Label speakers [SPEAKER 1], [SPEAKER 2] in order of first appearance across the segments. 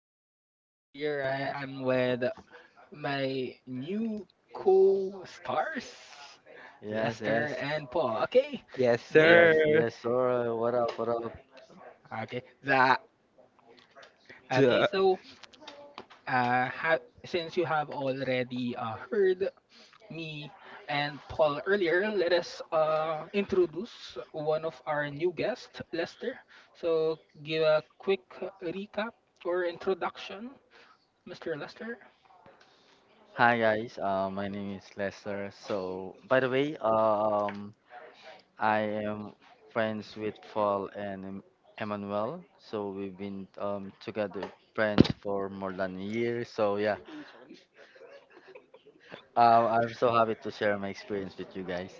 [SPEAKER 1] guys? Here I am with my new co-stars,
[SPEAKER 2] Yes,
[SPEAKER 1] Lester
[SPEAKER 2] yes,
[SPEAKER 1] and Paul. Okay,
[SPEAKER 3] Yes,
[SPEAKER 1] give
[SPEAKER 3] sir.
[SPEAKER 2] yes, yes, sir. What up, what up?
[SPEAKER 1] okay that. Okay,
[SPEAKER 3] Duh.
[SPEAKER 1] so since you have already heard me and Paul earlier, let us introduce one of our new guests, Lester. So give a quick recap or introduction, Mr. Lester.
[SPEAKER 2] Hi, guys. My name is Lester. So, by the way, I am friends with Paul and Emmanuel. So we've been together friends for more than a year. So yeah, I'm so happy to share my experience with you guys.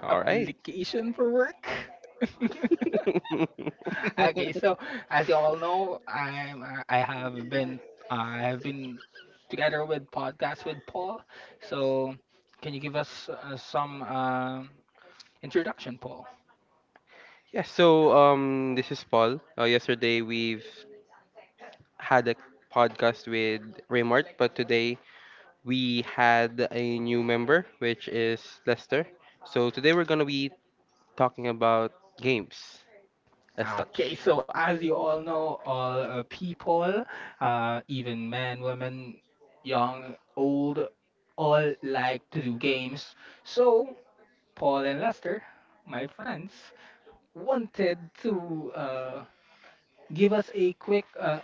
[SPEAKER 3] All right.
[SPEAKER 1] Application for work. Okay, so as you all know, uh, I've been together with podcast with Paul. So can you give us some introduction, Paul?
[SPEAKER 3] Yeah, so this is Paul. Yesterday we've had a podcast with Raymart, but today we had a new member which is Lester. So today we're going to be talking about games as
[SPEAKER 1] Okay,
[SPEAKER 3] such.
[SPEAKER 1] so as you all know, all people, even men, women, young, old, all like to do games. So Paul and Lester, my friends, wanted to. Uh, Give us a quick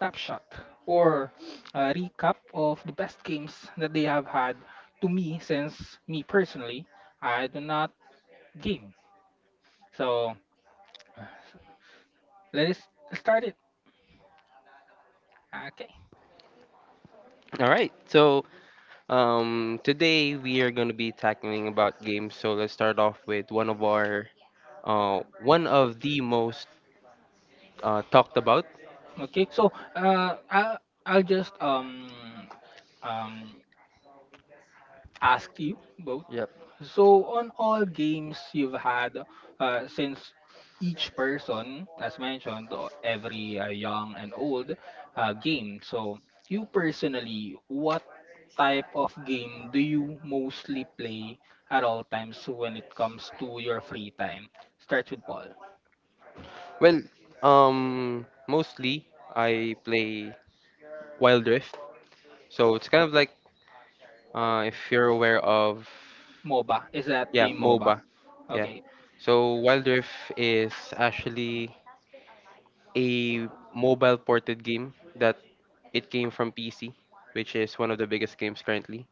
[SPEAKER 1] snapshot or a recap of the best games that they have had to me, since me personally I do not game. So let us start it. Okay.
[SPEAKER 3] All right. So today we are going to be tackling about games. So let's start off with one of our one of the most talked about.
[SPEAKER 1] Okay, so I'll just um ask you both.
[SPEAKER 2] Yep.
[SPEAKER 1] So on all games you've had, since each person, as mentioned, every young and old game. So you personally, what type of game do you mostly play at all times when it comes to your free time? Starts with Paul.
[SPEAKER 3] Well, mostly I play Wild Rift, so it's kind of like if you're aware of,
[SPEAKER 1] MOBA. Is that
[SPEAKER 3] yeah,
[SPEAKER 1] a MOBA?
[SPEAKER 3] MOBA, yeah.
[SPEAKER 1] Okay.
[SPEAKER 3] So Wild Rift is actually a mobile ported game that it came from PC, which is one of the biggest games currently.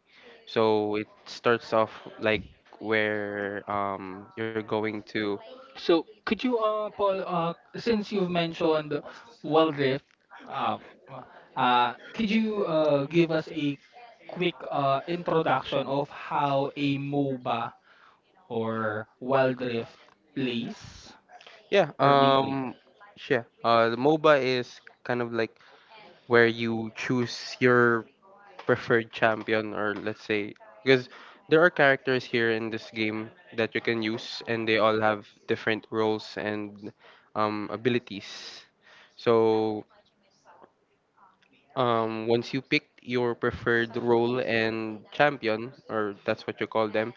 [SPEAKER 3] So it starts off like where you're going to
[SPEAKER 1] So could you, Paul, since you've mentioned World Rift, uh, could you give us a quick introduction of how a MOBA or Wild Rift plays
[SPEAKER 3] yeah
[SPEAKER 1] or being played.
[SPEAKER 3] um yeah the MOBA is kind of like where you choose your preferred champion, or let's say, because there are characters here in this game that you can use and they all have different roles and abilities. So once you pick your preferred role and champion, or that's what you call them,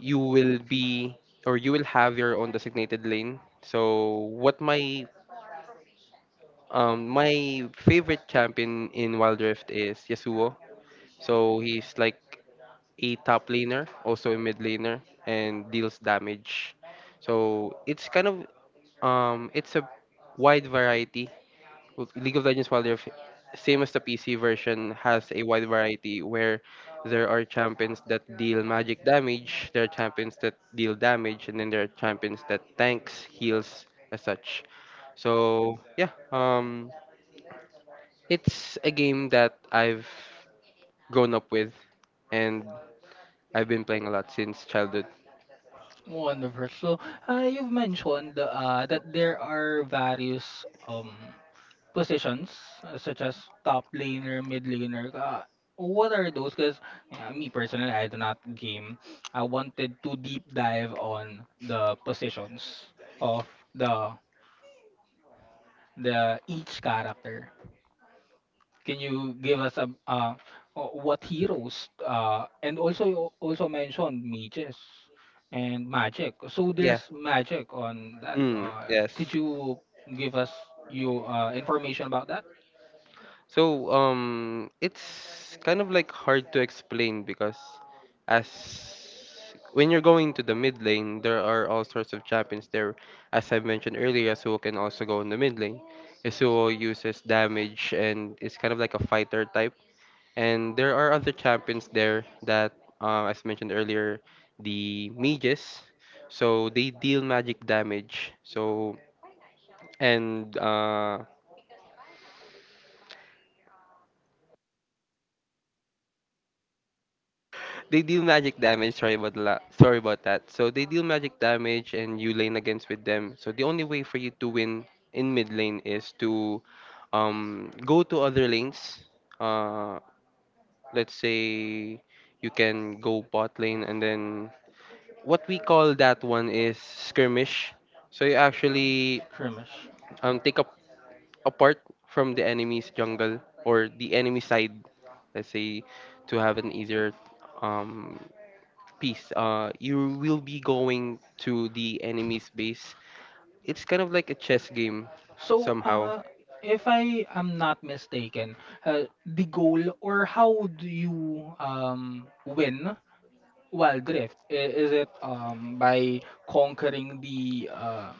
[SPEAKER 3] you will be or you will have your own designated lane. So what my my favorite champion in Wild Rift is Yasuo. So he's like a top laner, also a mid laner, and deals damage. So it's kind of it's a wide variety. Well, League of Legends Wild Rift, same as the PC version, has a wide variety where there are champions that deal magic damage, there are champions that deal damage, and then there are champions that tanks, heals, as such. So yeah, it's a game that I've grown up with, and I've been playing a lot since childhood.
[SPEAKER 1] Wonderful. So, you've mentioned that there are various um, positions such as top laner, mid laner. What are those? Because me personally, I do not game. I wanted to deep dive on the positions of the the each character. Can you give us a what heroes and also you also mentioned mages and magic. So there's
[SPEAKER 3] Yeah.
[SPEAKER 1] magic on that.
[SPEAKER 3] Mm, yes.
[SPEAKER 1] Could you give us your information about that,
[SPEAKER 3] So it's kind of like hard to explain because as when you're going to the mid lane, there are all sorts of champions there. As I mentioned earlier, Yasuo can also go in the mid lane. Yasuo uses damage and is kind of like a fighter type. And there are other champions there that, as mentioned earlier, the mages. So they deal magic damage. So and They deal magic damage. Sorry about that. So they deal magic damage, and you lane against with them. So the only way for you to win in mid lane is to go to other lanes. Uh, let's say you can go bot lane, and then what we call that one is skirmish. So you actually
[SPEAKER 1] Krimish?
[SPEAKER 3] take up apart from the enemy's jungle or the enemy side. Let's say to have an easier um, piece. You will be going to the enemy's base. It's kind of like a chess game,
[SPEAKER 1] So
[SPEAKER 3] somehow.
[SPEAKER 1] if I am not mistaken, the goal or how do you win Wild Rift? Is it by conquering the uh,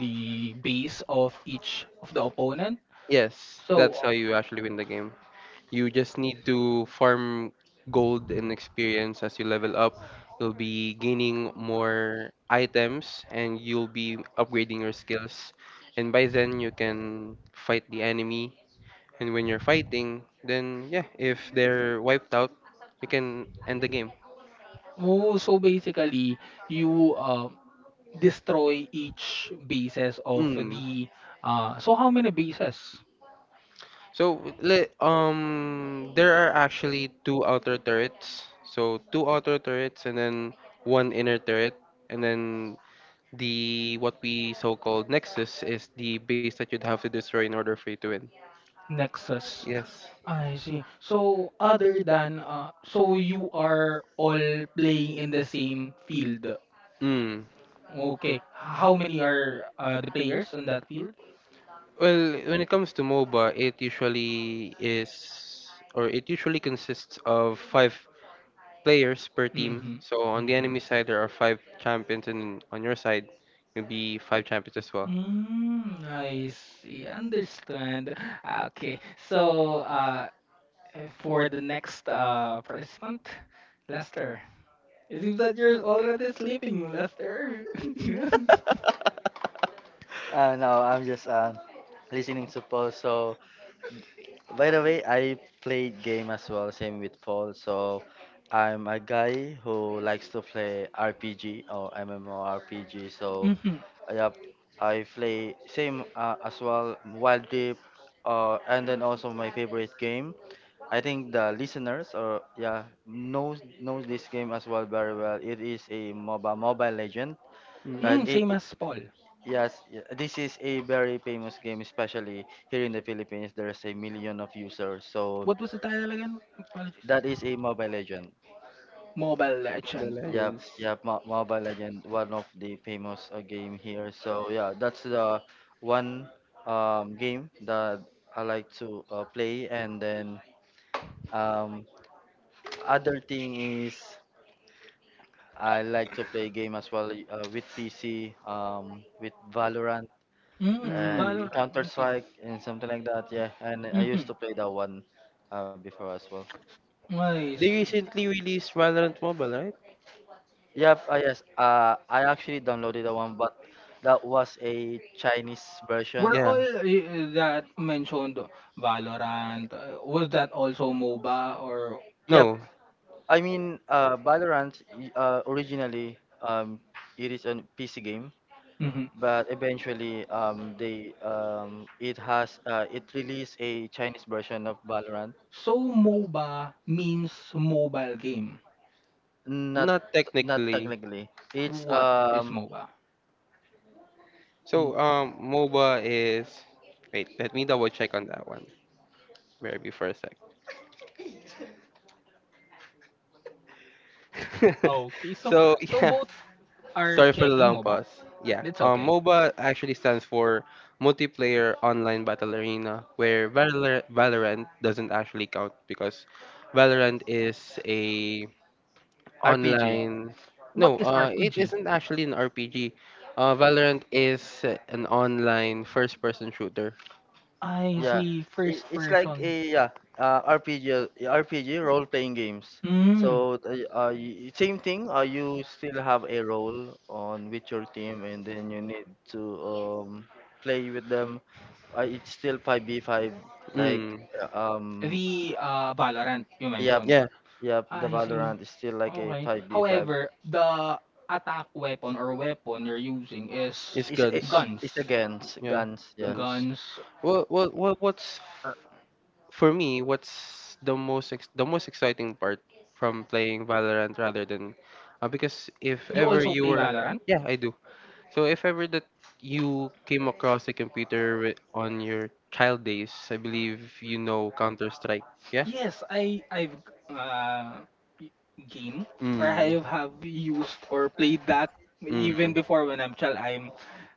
[SPEAKER 1] the base of each of the opponent.
[SPEAKER 3] Yes, that's
[SPEAKER 1] So
[SPEAKER 3] how you actually win the game. You just need to farm gold and experience as you level up. You'll be gaining more items and you'll be upgrading your skills. And by then, you can fight the enemy. And when you're fighting, then yeah, if they're wiped out, you can end the game.
[SPEAKER 1] oh, so basically you destroy each bases of
[SPEAKER 3] Mm.
[SPEAKER 1] the, so how many bases?
[SPEAKER 3] There are actually two outer turrets. So two outer turrets and then one inner turret, and then the what we so-called nexus is the base that you'd have to destroy in order for you to win.
[SPEAKER 1] Nexus.
[SPEAKER 3] Yes.
[SPEAKER 1] I see. So other than so you are all playing in the same field.
[SPEAKER 3] Mm.
[SPEAKER 1] Okay. How many are the players on that field?
[SPEAKER 3] Well, when it comes to MOBA, it usually is or it usually consists of five players per team.
[SPEAKER 1] Mhm.
[SPEAKER 3] So on the
[SPEAKER 1] Mhm.
[SPEAKER 3] enemy side there are five champions, and on your side you'll be five champions as well.
[SPEAKER 1] Mm, I see. Understand. Okay. So, for the next participant, Lester. It seems that you're already sleeping, Lester. Mm-hmm.
[SPEAKER 2] No, I'm just listening to Paul. So. By the way, I played game as well, same with Paul. So I'm a guy who likes to play RPG or MMORPG. So yep, I play same as well Wild Deep, and then also my favorite game. I think the listeners or yeah knows this game as well very well. It is a MOBA Mobile Legend, right? Mm.
[SPEAKER 1] Mm,
[SPEAKER 3] Mm,
[SPEAKER 1] same as Paul.
[SPEAKER 2] Yes, yeah, this is a very famous game, especially here in the Philippines. There's a million of users, so.
[SPEAKER 1] What was the title again? Apologies.
[SPEAKER 2] That is a Mobile Legend.
[SPEAKER 1] Mobile
[SPEAKER 3] Mobile
[SPEAKER 1] Legend.
[SPEAKER 2] Yep,
[SPEAKER 3] Legends.
[SPEAKER 2] yep, Mobile Legend, one of the famous game here. So yeah, that's the one game that I like to play. And then um, other thing is I like to play game as well with PC, with Valorant
[SPEAKER 1] Mm,
[SPEAKER 2] and
[SPEAKER 3] Mm.
[SPEAKER 1] Valorant.
[SPEAKER 2] Counter
[SPEAKER 1] Okay.
[SPEAKER 2] Strike and something like that. Yeah, and I used
[SPEAKER 1] Mm-hmm.
[SPEAKER 2] to play that one before as well.
[SPEAKER 1] I
[SPEAKER 3] They
[SPEAKER 1] see.
[SPEAKER 3] recently released Valorant Mobile, right?
[SPEAKER 2] Yep, yes. I actually downloaded the one, but that was a Chinese
[SPEAKER 1] Were
[SPEAKER 2] version.
[SPEAKER 3] Yeah.
[SPEAKER 1] all that mentioned Valorant? Was that also MOBA or?
[SPEAKER 2] Yep.
[SPEAKER 3] No,
[SPEAKER 2] I mean, Valorant originally, it is a PC game,
[SPEAKER 1] hmm
[SPEAKER 2] but eventually, they it has it released a Chinese version of Valorant.
[SPEAKER 1] So MOBA means mobile game.
[SPEAKER 2] Not
[SPEAKER 3] not
[SPEAKER 2] not
[SPEAKER 3] technically.
[SPEAKER 2] technically. It's
[SPEAKER 1] What is MOBA?
[SPEAKER 3] So, MOBA is. Wait, let me double check on that one. Very before a sec.
[SPEAKER 1] Okay, so
[SPEAKER 3] So yeah,
[SPEAKER 1] both are
[SPEAKER 3] sorry for the
[SPEAKER 1] checking
[SPEAKER 3] long
[SPEAKER 1] MOBA.
[SPEAKER 3] pause. Yeah.
[SPEAKER 1] That's okay.
[SPEAKER 3] MOBA actually stands for Multiplayer Online Battle Arena, where Valorant doesn't actually count because Valorant is a
[SPEAKER 2] RPG.
[SPEAKER 3] online. No,
[SPEAKER 1] What is
[SPEAKER 3] it
[SPEAKER 1] RPG?
[SPEAKER 3] isn't actually an RPG. Valorant is an online first-person shooter.
[SPEAKER 1] I
[SPEAKER 2] Yeah,
[SPEAKER 1] see. First
[SPEAKER 2] it's like a
[SPEAKER 1] person.
[SPEAKER 2] yeah, RPG, role playing games. So
[SPEAKER 1] Mm.
[SPEAKER 2] same thing. You still have a role on with your team, and then you need to, play with them. It's still 5v5. Like
[SPEAKER 3] Mm.
[SPEAKER 2] uh, um
[SPEAKER 1] The Valorant you
[SPEAKER 2] yep,
[SPEAKER 1] mentioned.
[SPEAKER 3] Yeah,
[SPEAKER 2] yep, the
[SPEAKER 1] I see.
[SPEAKER 2] Valorant is still like a
[SPEAKER 1] Okay.
[SPEAKER 2] 5v5.
[SPEAKER 1] However, the attack weapon or weapon you're using is
[SPEAKER 3] it's
[SPEAKER 2] It's it's, a-
[SPEAKER 3] guns.
[SPEAKER 1] guns.
[SPEAKER 2] it's against
[SPEAKER 3] Yeah,
[SPEAKER 2] guns. Yeah.
[SPEAKER 3] guns.
[SPEAKER 1] Guns.
[SPEAKER 3] What's
[SPEAKER 1] Or,
[SPEAKER 3] for me, what's the most the most exciting part from playing Valorant rather than because if
[SPEAKER 1] you
[SPEAKER 3] ever
[SPEAKER 1] also
[SPEAKER 3] you
[SPEAKER 1] play
[SPEAKER 3] were
[SPEAKER 1] Valorant?
[SPEAKER 3] yeah, I do. So if ever that you came across a computer on your child days, I believe you know Counter-Strike, yeah?
[SPEAKER 1] Yes, I I've uh y- game or I
[SPEAKER 3] Mm.
[SPEAKER 1] have used or played that even
[SPEAKER 3] Mm.
[SPEAKER 1] before when I'm child. I'm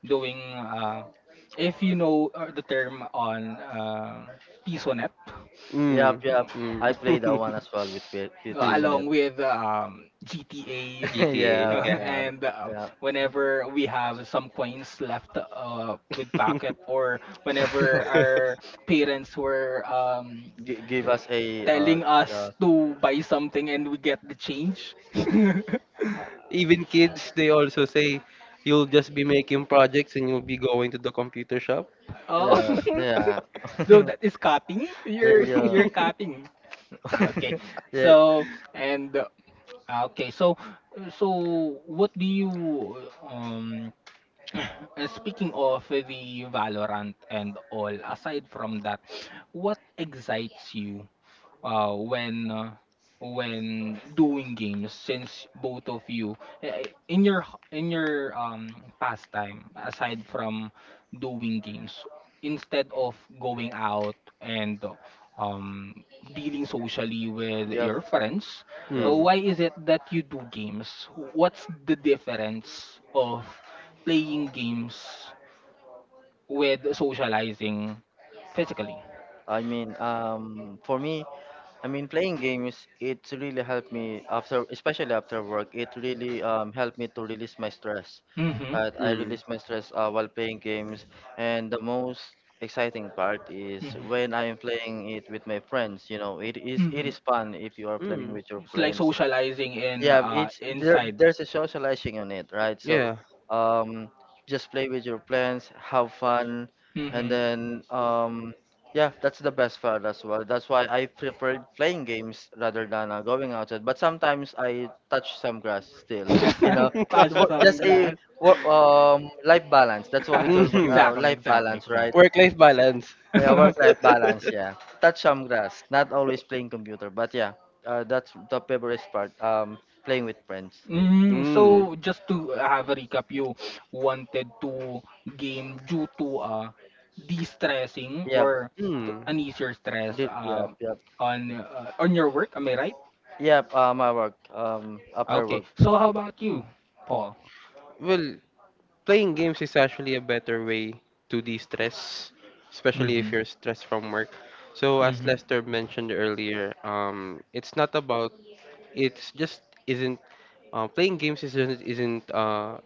[SPEAKER 1] doing if you know the term on Pisonet,
[SPEAKER 3] Mm.
[SPEAKER 2] Yep, yep.
[SPEAKER 1] mm,
[SPEAKER 2] I
[SPEAKER 3] Mm.
[SPEAKER 2] play that one as well with with peas on
[SPEAKER 3] Mm.
[SPEAKER 1] along
[SPEAKER 2] it.
[SPEAKER 1] with GTA.
[SPEAKER 3] GTA,
[SPEAKER 2] yeah,
[SPEAKER 3] yeah.
[SPEAKER 2] yeah,
[SPEAKER 1] And
[SPEAKER 2] yeah.
[SPEAKER 1] whenever we have some coins left with pocket, or whenever our parents were
[SPEAKER 2] Give us a
[SPEAKER 1] telling us
[SPEAKER 2] uh
[SPEAKER 1] to buy something and we get the change.
[SPEAKER 3] Even kids, they also say you'll just be making projects and you'll be going to the computer shop.
[SPEAKER 1] Oh,
[SPEAKER 2] yeah, yeah.
[SPEAKER 1] so
[SPEAKER 2] yeah,
[SPEAKER 1] that is cutting. you're
[SPEAKER 2] yeah.
[SPEAKER 1] you're cutting. Ah, okay.
[SPEAKER 2] yeah,
[SPEAKER 1] so and ah, okay so so what do you um Speaking of the Valorant and all, aside from that, what excites you uh, when uh, when doing games, since both of you, in your pastime aside from doing games, instead of going out and um dealing socially with
[SPEAKER 2] yep,
[SPEAKER 1] your friends,
[SPEAKER 2] yep.
[SPEAKER 3] Mm.
[SPEAKER 1] why is it that you do games? What's the difference of playing games with socializing physically?
[SPEAKER 2] I mean, for me, I mean, playing games, it really helped me after, especially after work. It really, helped me to release my stress.
[SPEAKER 1] Mhm.
[SPEAKER 2] I
[SPEAKER 3] Mm.
[SPEAKER 2] release my stress while playing games, and the most exciting part is
[SPEAKER 1] hmm
[SPEAKER 2] when I am playing it with my friends. You know, it is it
[SPEAKER 1] hmm
[SPEAKER 2] is fun if you are playing
[SPEAKER 3] Mm.
[SPEAKER 2] with your
[SPEAKER 1] It's like
[SPEAKER 2] friends.
[SPEAKER 1] socializing in
[SPEAKER 2] Yeah, it's there,
[SPEAKER 1] inside.
[SPEAKER 2] there's a socializing on it, right? So,
[SPEAKER 3] Yeah.
[SPEAKER 2] um, just play with your plans, have fun, and
[SPEAKER 1] Mm-hmm.
[SPEAKER 2] then, yeah, that's the best part as well. That's why I preferred playing games rather than going outside. But sometimes I touch some grass still, you know,
[SPEAKER 1] Touch some
[SPEAKER 2] just a
[SPEAKER 1] grass.
[SPEAKER 2] life balance. That's what we call
[SPEAKER 3] Hmm.
[SPEAKER 1] Exactly,
[SPEAKER 2] life
[SPEAKER 1] exactly,
[SPEAKER 2] balance, right?
[SPEAKER 1] exactly.
[SPEAKER 3] Work-life balance.
[SPEAKER 2] Yeah, work-life balance. Yeah, touch some grass. Not always playing computer, but yeah, that's the favorite part. Playing with friends.
[SPEAKER 1] Mm,
[SPEAKER 3] Mm.
[SPEAKER 1] so just to have a recap, you wanted to game due to, de-stressing,
[SPEAKER 2] Yeah,
[SPEAKER 1] or to
[SPEAKER 3] Mm.
[SPEAKER 1] an easier stress
[SPEAKER 2] did, yeah,
[SPEAKER 1] uh
[SPEAKER 2] yeah,
[SPEAKER 1] on uh, on your work. Am I right?
[SPEAKER 2] yeah. I work. After
[SPEAKER 1] Okay.
[SPEAKER 2] work.
[SPEAKER 1] So how about you, Paul?
[SPEAKER 3] Well, playing games is actually a better way to de-stress, especially
[SPEAKER 1] Mm-hmm.
[SPEAKER 3] if you're stressed from work. So as
[SPEAKER 1] Mm-hmm.
[SPEAKER 3] Lester mentioned earlier, it's not about it's just isn't playing games isn't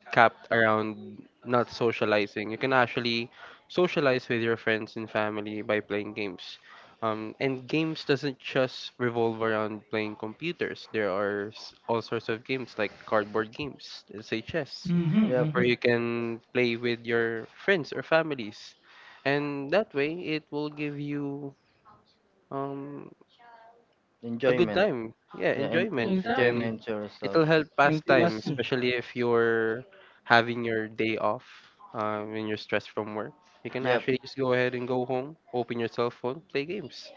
[SPEAKER 3] capped around not socializing. You can actually socialize with your friends and family by playing games. And games doesn't just revolve around playing computers. There are all sorts of games like cardboard games, let's say chess,
[SPEAKER 1] Mhm,
[SPEAKER 2] Yeah,
[SPEAKER 3] where
[SPEAKER 1] mhm.
[SPEAKER 3] you can play with your friends or families, and that way it will give you um, a good
[SPEAKER 2] enjoyment.
[SPEAKER 3] enjoyment time. Yeah,
[SPEAKER 2] Yeah, and,
[SPEAKER 1] Yeah.
[SPEAKER 3] enjoyment.
[SPEAKER 2] and
[SPEAKER 3] And
[SPEAKER 1] Exactly.
[SPEAKER 2] enjoyment yourself.
[SPEAKER 3] it'll help pass time,
[SPEAKER 1] Intimacy.
[SPEAKER 3] especially if you're having your day off when you're stressed from work. You can
[SPEAKER 2] Yep,
[SPEAKER 3] actually just go ahead and go home, open your cell phone, play games.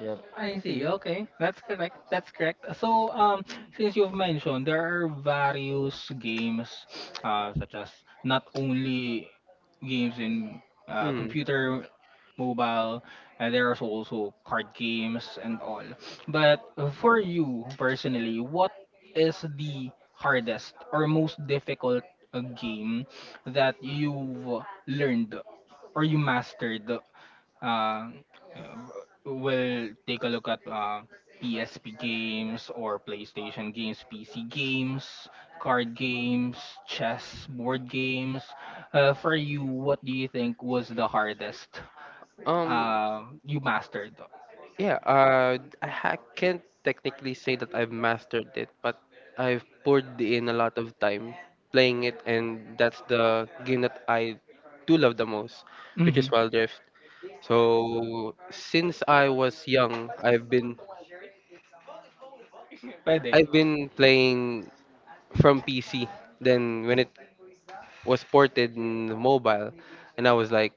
[SPEAKER 2] yep.
[SPEAKER 1] I see. Okay. That's correct. That's correct. So, since you've mentioned there are various games, such as not only games in
[SPEAKER 3] Mm.
[SPEAKER 1] computer, mobile, and there's also card games and all. But for you personally, what is the hardest or most difficult game that you've learned or you mastered? uh, uh, will take a look at PSP games or PlayStation games, PC games, card games, chess, board games. For you, what do you think was the hardest
[SPEAKER 3] Um.
[SPEAKER 1] you mastered?
[SPEAKER 3] Yeah. Can't technically say that I've mastered it, but I've poured in a lot of time playing it, and that's the game that I do love the most, which
[SPEAKER 1] Mm-hmm.
[SPEAKER 3] is Wild Rift. So since I was young,
[SPEAKER 1] Pwede.
[SPEAKER 3] I've been playing from PC. Then when it was ported in the mobile, and I was like,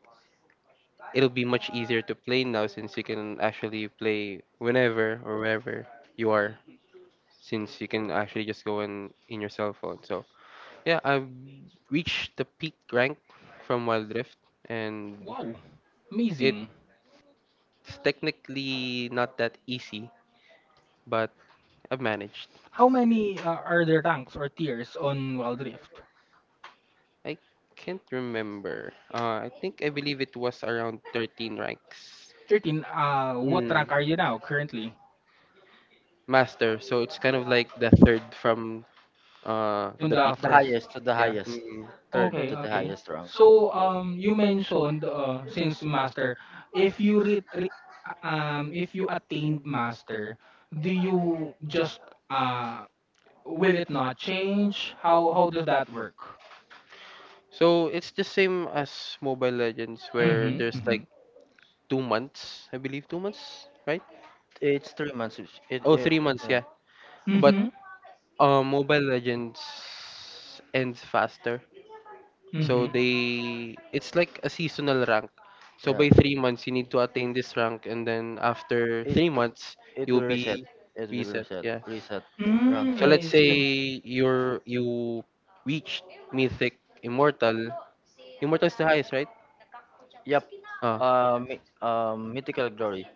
[SPEAKER 3] it'll be much easier to play now since you can actually play whenever or wherever you are. Since you can actually just go in your cell phone. So yeah, I've reached the peak rank from Wild Rift, and
[SPEAKER 1] Wow.
[SPEAKER 3] it's
[SPEAKER 1] Amazing.
[SPEAKER 3] technically not that easy, but I've managed.
[SPEAKER 1] How many are the ranks or tiers on Wild Rift?
[SPEAKER 3] I can't remember. I think I believe it was around 13 ranks.
[SPEAKER 1] 13. What
[SPEAKER 3] Mm,
[SPEAKER 1] rank are you now currently
[SPEAKER 3] master. So it's kind of like the third from
[SPEAKER 1] in,
[SPEAKER 3] the
[SPEAKER 1] the
[SPEAKER 3] peak.
[SPEAKER 2] The
[SPEAKER 1] first?
[SPEAKER 2] highest to the
[SPEAKER 3] Yeah.
[SPEAKER 2] highest,
[SPEAKER 3] Mm.
[SPEAKER 2] third to
[SPEAKER 1] Okay,
[SPEAKER 2] the
[SPEAKER 1] okay.
[SPEAKER 2] highest round.
[SPEAKER 1] So you mentioned since master, if you if you attained master, do you just uh will it not change? How does that work?
[SPEAKER 3] So it's the same as Mobile Legends where
[SPEAKER 1] Mhm.
[SPEAKER 3] there's like
[SPEAKER 1] Mhm.
[SPEAKER 3] 2 months, I believe 2 months, right?
[SPEAKER 2] It's 3 months. It, it,
[SPEAKER 3] Oh,
[SPEAKER 2] it
[SPEAKER 3] 3 months,
[SPEAKER 2] yeah,
[SPEAKER 3] yeah. But
[SPEAKER 1] Mhm.
[SPEAKER 3] Mobile Legends ends faster. So
[SPEAKER 1] Mhm.
[SPEAKER 3] they it's like a seasonal rank. So
[SPEAKER 2] yeah.
[SPEAKER 3] by 3 months you need to attain this rank, and then after
[SPEAKER 2] It
[SPEAKER 3] 3 months
[SPEAKER 2] it
[SPEAKER 3] you'll
[SPEAKER 2] will reset.
[SPEAKER 3] be
[SPEAKER 2] It will
[SPEAKER 3] reset.
[SPEAKER 2] reset.
[SPEAKER 3] Yeah.
[SPEAKER 2] Reset the
[SPEAKER 1] Mm,
[SPEAKER 3] So
[SPEAKER 2] ranking
[SPEAKER 3] let's
[SPEAKER 1] I
[SPEAKER 3] say
[SPEAKER 2] system.
[SPEAKER 1] see.
[SPEAKER 3] you reached mythic immortal. Immortal is the highest, right?
[SPEAKER 2] Yep.
[SPEAKER 3] Oh.
[SPEAKER 2] Mythical glory.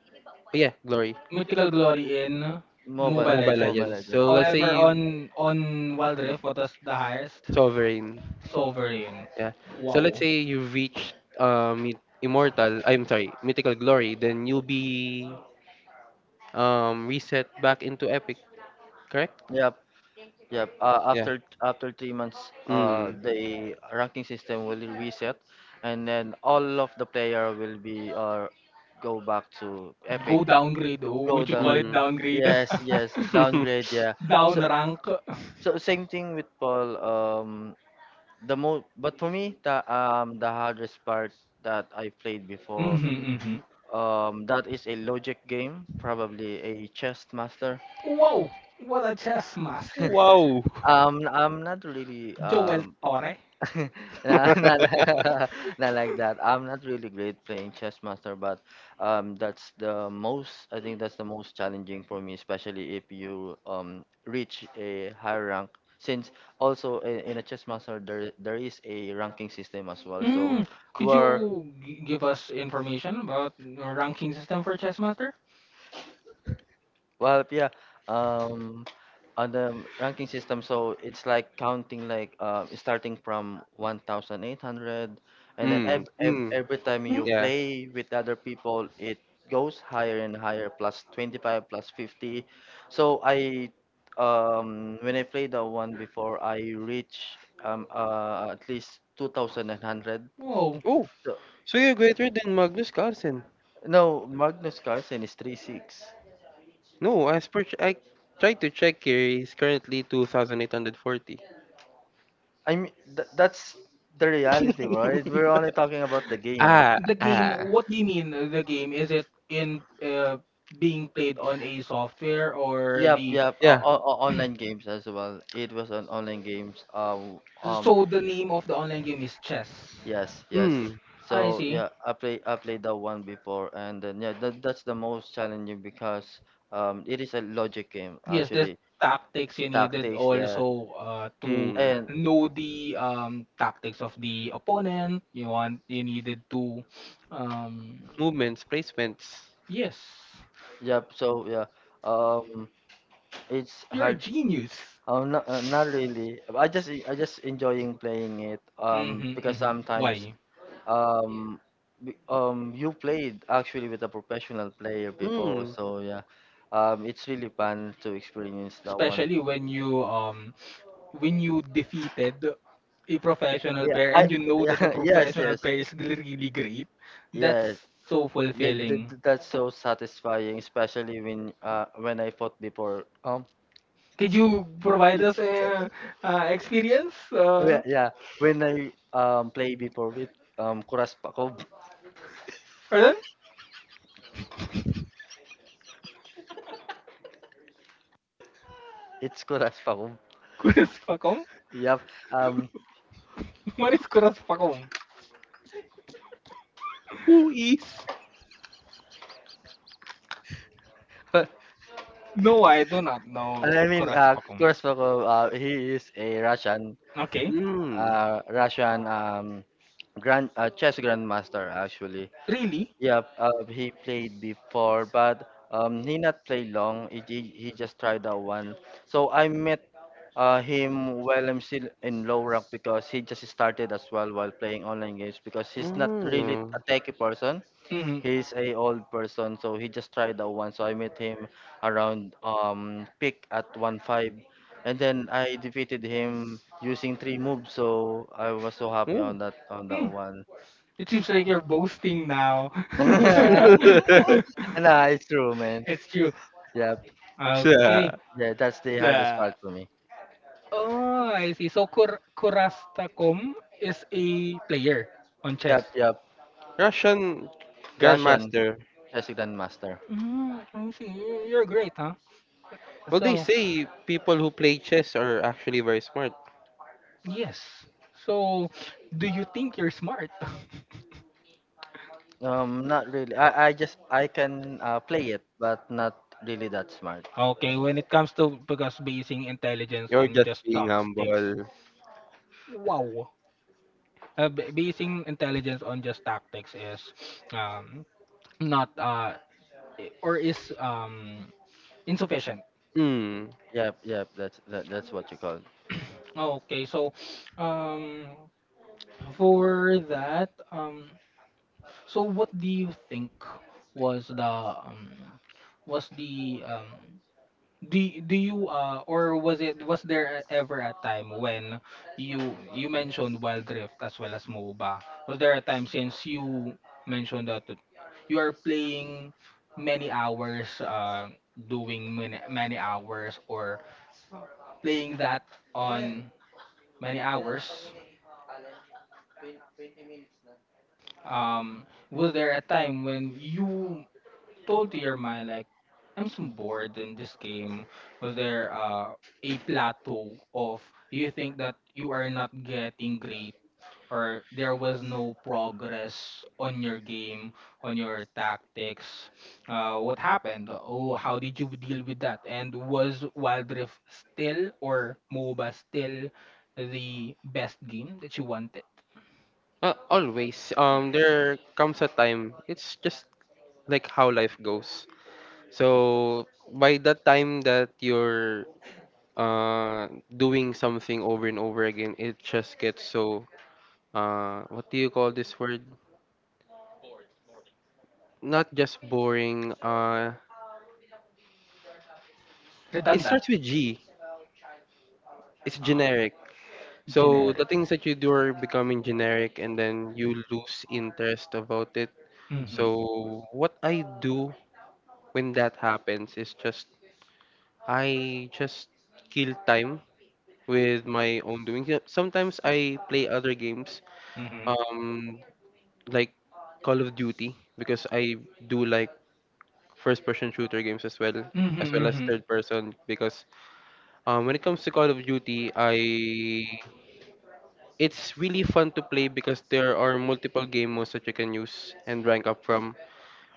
[SPEAKER 3] Yeah, glory.
[SPEAKER 1] Mythical glory in
[SPEAKER 2] Mobile,
[SPEAKER 1] Mobile
[SPEAKER 3] Mobile
[SPEAKER 2] Mobile
[SPEAKER 1] Legends.
[SPEAKER 3] Legends.
[SPEAKER 2] Legend.
[SPEAKER 3] So let's say
[SPEAKER 1] However,
[SPEAKER 3] you
[SPEAKER 1] on Wild Rift what was the highest?
[SPEAKER 3] sovereign.
[SPEAKER 1] Sovereign.
[SPEAKER 3] Yeah. So let's
[SPEAKER 1] Wow.
[SPEAKER 3] say you reach immortal. I'm sorry, mythical glory. Then you'll be reset back into epic.
[SPEAKER 2] Yep. Yeah. Uh,
[SPEAKER 3] Yeah.
[SPEAKER 2] after after 3 months,
[SPEAKER 3] Mm.
[SPEAKER 2] the ranking system will reset, and then all of the player will be, go back to Epic,
[SPEAKER 1] Go downgrade. Oh,
[SPEAKER 2] go
[SPEAKER 1] would you call
[SPEAKER 2] down.
[SPEAKER 1] it
[SPEAKER 3] Mm.
[SPEAKER 1] downgrade?
[SPEAKER 2] Yes, yes, downgrade. Yeah.
[SPEAKER 1] Down
[SPEAKER 2] So
[SPEAKER 1] rank.
[SPEAKER 2] so, same thing with Paul. The mo but for me, the hardest part that I played before.
[SPEAKER 1] Mhm, mhm.
[SPEAKER 2] That is a logic game, probably a chess master.
[SPEAKER 1] Wow, what a chess master.
[SPEAKER 3] Wow.
[SPEAKER 2] I'm not really
[SPEAKER 1] Joel
[SPEAKER 2] um.
[SPEAKER 1] Torre.
[SPEAKER 2] Nah, not, not like that. I'm not really great playing chess master, but, that's the most, I think that's the most challenging for me, especially if you reach a higher rank. Since also in a chess master there is a ranking system as well. So. Mm.
[SPEAKER 1] Mm,
[SPEAKER 2] Who,
[SPEAKER 1] could
[SPEAKER 2] yeah, are.
[SPEAKER 1] you give us information about the ranking system for chess master?
[SPEAKER 2] Well, yeah. Um, on the ranking system, so it's like counting like starting from 1,800, and then
[SPEAKER 3] Mm.
[SPEAKER 2] ev ev
[SPEAKER 3] Mm.
[SPEAKER 2] every time
[SPEAKER 1] Hmm?
[SPEAKER 2] you
[SPEAKER 3] Yeah.
[SPEAKER 2] play with other people, it goes higher and higher, plus 25, plus 50. So when I played the one before, I reached at least 2,100.
[SPEAKER 1] Wow,
[SPEAKER 3] Oh,
[SPEAKER 2] So
[SPEAKER 3] so you're greater than Magnus Carlsen.
[SPEAKER 2] no, Magnus Carlsen is three six.
[SPEAKER 3] No, as per I tried to check here, he's currently 2,840.
[SPEAKER 2] I mean, that's the reality, right? We're only talking about the game.
[SPEAKER 3] Ah,
[SPEAKER 1] the game,
[SPEAKER 3] ah.
[SPEAKER 1] what do you mean the game? Is it in being played on a software, or
[SPEAKER 2] Yep,
[SPEAKER 1] the
[SPEAKER 2] yep.
[SPEAKER 3] Yeah.
[SPEAKER 2] Online games as well. It was on online games.
[SPEAKER 1] so the name of the online game is chess?
[SPEAKER 2] Yes, yes.
[SPEAKER 3] Mm.
[SPEAKER 1] I
[SPEAKER 2] So
[SPEAKER 1] see.
[SPEAKER 2] yeah, I played that one before, and then yeah, that's the most challenging because, it is a logic game
[SPEAKER 1] Yes, there's
[SPEAKER 2] actually.
[SPEAKER 1] tactics you needed
[SPEAKER 2] Tactics, yeah,
[SPEAKER 1] also to
[SPEAKER 3] Mm.
[SPEAKER 2] and
[SPEAKER 1] know the tactics of the opponent. You want you needed to, um,
[SPEAKER 3] Movements, placements.
[SPEAKER 1] yes,
[SPEAKER 2] yep. So yeah, um, it's
[SPEAKER 1] you're a
[SPEAKER 2] hard.
[SPEAKER 1] genius.
[SPEAKER 2] Oh, no, not really. I just enjoying playing it. Um,
[SPEAKER 1] Mm-hmm,
[SPEAKER 2] because
[SPEAKER 1] mm-hmm.
[SPEAKER 2] sometimes
[SPEAKER 1] Why?
[SPEAKER 2] um you played actually with a professional player before,
[SPEAKER 3] Mm.
[SPEAKER 2] so yeah, it's really fun to experience that one.
[SPEAKER 1] Especially when you defeated a professional
[SPEAKER 2] Yeah,
[SPEAKER 1] player
[SPEAKER 2] I
[SPEAKER 1] and you know that the
[SPEAKER 2] yeah yes,
[SPEAKER 1] professional
[SPEAKER 2] yes,
[SPEAKER 1] player is really great. That's
[SPEAKER 2] yes.
[SPEAKER 1] so
[SPEAKER 2] Yeah,
[SPEAKER 1] fulfilling.
[SPEAKER 2] that's so satisfying, especially when when I fought before.
[SPEAKER 1] Could you provide us an experience,
[SPEAKER 2] Oh, yeah, yeah, when I play before with Kuras Pakov.
[SPEAKER 1] pardon?
[SPEAKER 2] It's Kuras.
[SPEAKER 1] Kuraspacom?
[SPEAKER 2] Yep. Um,
[SPEAKER 1] What is Kuraspacom?
[SPEAKER 3] Who is?
[SPEAKER 2] and
[SPEAKER 1] No, I do not know
[SPEAKER 2] I mean,
[SPEAKER 1] Kuraspacom.
[SPEAKER 2] Kurzbakov, he is a Russian,
[SPEAKER 1] Okay.
[SPEAKER 3] Mm.
[SPEAKER 2] Russian grand chess grandmaster actually.
[SPEAKER 1] Really?
[SPEAKER 2] Yep. He played before, but, he not played long. He just tried that one. So I met him while I'm still in low rank because he just started as well while playing online games because he's not really
[SPEAKER 3] Mm.
[SPEAKER 2] a techie person.
[SPEAKER 1] Mm.
[SPEAKER 2] He's a old person, so he just tried that one. So I met him around pick at one five, and then I defeated him using 3 moves. So I was so happy
[SPEAKER 3] Ooh.
[SPEAKER 2] on that
[SPEAKER 1] Mm.
[SPEAKER 2] one.
[SPEAKER 1] It seems like you're boasting now.
[SPEAKER 2] nah, it's true, man.
[SPEAKER 1] It's true.
[SPEAKER 2] Yep,
[SPEAKER 1] Okay.
[SPEAKER 3] Yeah.
[SPEAKER 2] yeah, that's the
[SPEAKER 1] Yeah.
[SPEAKER 2] hardest part for me.
[SPEAKER 1] Oh, I see. So Kurastacom is a player on
[SPEAKER 2] Yep,
[SPEAKER 1] chess.
[SPEAKER 2] yep.
[SPEAKER 3] Russian
[SPEAKER 2] Russian
[SPEAKER 3] grandmaster.
[SPEAKER 2] chess grandmaster.
[SPEAKER 1] Yeah, I see. You're great, huh?
[SPEAKER 3] Well, they
[SPEAKER 1] So,
[SPEAKER 3] say people who play chess are actually very smart.
[SPEAKER 1] yes. So, do you think you're smart?
[SPEAKER 2] Not really. I can play it, but not really that smart.
[SPEAKER 1] Okay, when it comes to, because basing intelligence
[SPEAKER 3] You're
[SPEAKER 1] and
[SPEAKER 3] just
[SPEAKER 1] just
[SPEAKER 3] being
[SPEAKER 1] tactics,
[SPEAKER 3] humble.
[SPEAKER 1] wow. Basing intelligence on just tactics is um, not, or is insufficient.
[SPEAKER 3] Hmm.
[SPEAKER 2] Yep, yep. That's that's what you call.
[SPEAKER 1] Okay, so um, for that, so what do you think was the, um, was the um, do do you, or was it was there ever a time when you mentioned Wild Rift as well as MOBA? Was there a time, since you mentioned that you are playing many hours, doing many, many hours or playing that on many hours? Was there a time when you told to your mind like, I'm so bored in this game? Was there a plateau of, you think that you are not getting great or there was no progress on your game, on your tactics? What happened? Oh, how did you deal with that? And was Wild Rift still or MOBA still the best game that you wanted?
[SPEAKER 3] Always. There comes a time. It's just like how life goes. So by the time that you're doing something over and over again, it just gets so what do you call this word, not just boring, it
[SPEAKER 1] Redundant.
[SPEAKER 3] starts with G, it's
[SPEAKER 1] Uh,
[SPEAKER 3] generic. So the
[SPEAKER 1] Generic.
[SPEAKER 3] things that you do are becoming generic, and then you lose interest about it.
[SPEAKER 1] Mm-hmm.
[SPEAKER 3] So what I do when that happens is just I just kill time with my own doing. Yeah, sometimes I play other games,
[SPEAKER 1] Mm-hmm.
[SPEAKER 3] um like Call of Duty, because I do like first person shooter games as well,
[SPEAKER 1] Mhm,
[SPEAKER 3] as well as
[SPEAKER 1] mhm.
[SPEAKER 3] third person, because when it comes to Call of Duty, I it's really fun to play because there are multiple game modes that you can use and rank up from.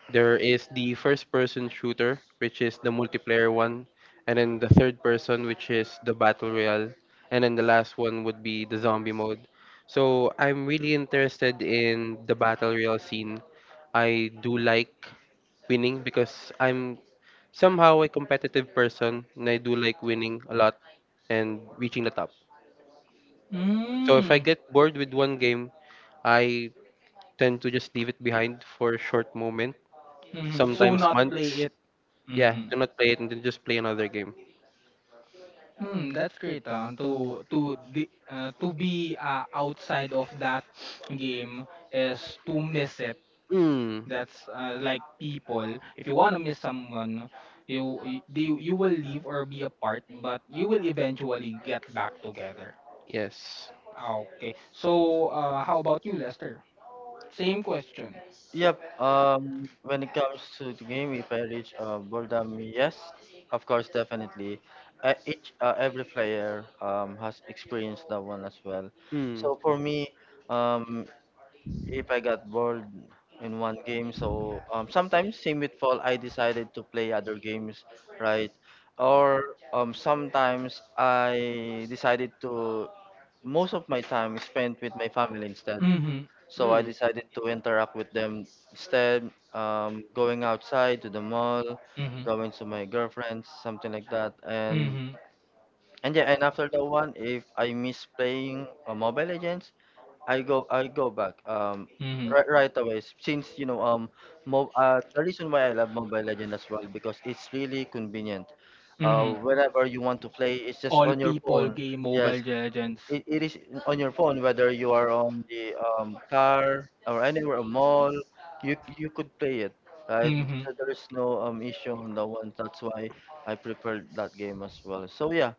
[SPEAKER 3] There is the first person shooter, which is the multiplayer one, and then the third person, which is the battle royale, and then the last one would be the zombie mode. So I'm really interested in the battle royale scene. I do like winning because I'm somehow a competitive person, and I do like winning a lot and reaching the top. So if I
[SPEAKER 1] Mm.
[SPEAKER 3] get bored with one game, I tend to just leave it behind for a short moment,
[SPEAKER 1] Mhm. So
[SPEAKER 3] sometimes
[SPEAKER 1] not play it.
[SPEAKER 3] months. Yeah,
[SPEAKER 1] Mhm.
[SPEAKER 3] to not play it and then just play another game.
[SPEAKER 1] Mm, that's great. To be outside of that game is to miss it.
[SPEAKER 3] Hmm.
[SPEAKER 1] That's like people. If you want to miss someone, you will leave or be apart, but you will eventually get back together.
[SPEAKER 3] Yes.
[SPEAKER 1] Okay. So how about you, Lester? Same question.
[SPEAKER 2] Yep. When it comes to the game, if I reach boredom, yes, of course, definitely. Each Every player, has experienced that one as well.
[SPEAKER 3] Hmm.
[SPEAKER 2] So for me, um, if I got bored in one game, so, sometimes same with fall, I decided to play other games, right? Or, sometimes, I decided to. Most of my time is spent with my family instead.
[SPEAKER 1] Mhm.
[SPEAKER 2] So I
[SPEAKER 3] Hmm.
[SPEAKER 2] decided to interact with them instead, going outside to the mall,
[SPEAKER 1] Mhm.
[SPEAKER 2] going to my girlfriends, something like that. And
[SPEAKER 1] Mhm.
[SPEAKER 2] yeah, and after that one, if I miss playing Mobile Legends, I go back,
[SPEAKER 1] Mhm.
[SPEAKER 2] right away. Since you know mo the reason why I love Mobile Legends as well because it's really convenient.
[SPEAKER 1] Mhm.
[SPEAKER 2] Whenever you want to play, it's just
[SPEAKER 1] All
[SPEAKER 2] on your
[SPEAKER 1] people
[SPEAKER 2] phone.
[SPEAKER 1] game
[SPEAKER 2] Yes,
[SPEAKER 1] Mobile Legends.
[SPEAKER 2] it is on your phone, whether you are on the, car or anywhere, a mall, you could play it, right.
[SPEAKER 1] Mhm.
[SPEAKER 2] So there is no issue on that one, that's why I prefer that game as well. So yeah,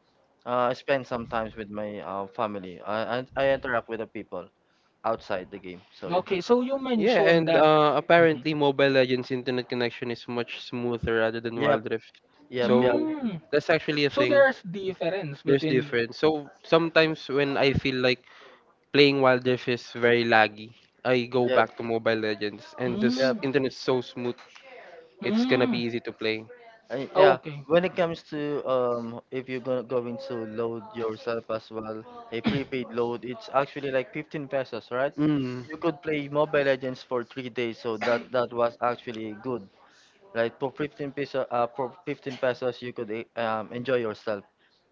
[SPEAKER 2] I spend sometimes with my family. I interact with the people outside the game. So yeah,
[SPEAKER 1] Okay, so you
[SPEAKER 3] Yeah,
[SPEAKER 1] mentioned
[SPEAKER 3] and
[SPEAKER 1] that. Mhm.
[SPEAKER 3] apparently Mobile Legends internet connection is much smoother rather than
[SPEAKER 2] yep,
[SPEAKER 3] Wild Rift.
[SPEAKER 2] yep, yep,
[SPEAKER 3] So
[SPEAKER 1] Mm.
[SPEAKER 3] that's actually a
[SPEAKER 1] So
[SPEAKER 3] thing.
[SPEAKER 1] there's difference
[SPEAKER 3] There's
[SPEAKER 1] between.
[SPEAKER 3] difference. So sometimes when I feel like playing Wild Rift is very laggy, I go
[SPEAKER 2] yep,
[SPEAKER 3] back to Mobile Legends and this
[SPEAKER 2] yep.
[SPEAKER 1] Mm.
[SPEAKER 3] internet's so smooth, it's gonna
[SPEAKER 1] Mm.
[SPEAKER 3] be easy to play.
[SPEAKER 2] Yeah,
[SPEAKER 1] Okay,
[SPEAKER 2] when it comes to, if you're gonna going to load yourself as well, a prepaid load, it's actually like 15 pesos, right?
[SPEAKER 3] Mm.
[SPEAKER 2] You could play Mobile Legends for 3 days, so that was actually good. Like for 15 peso, for 15 pesos, you could, enjoy yourself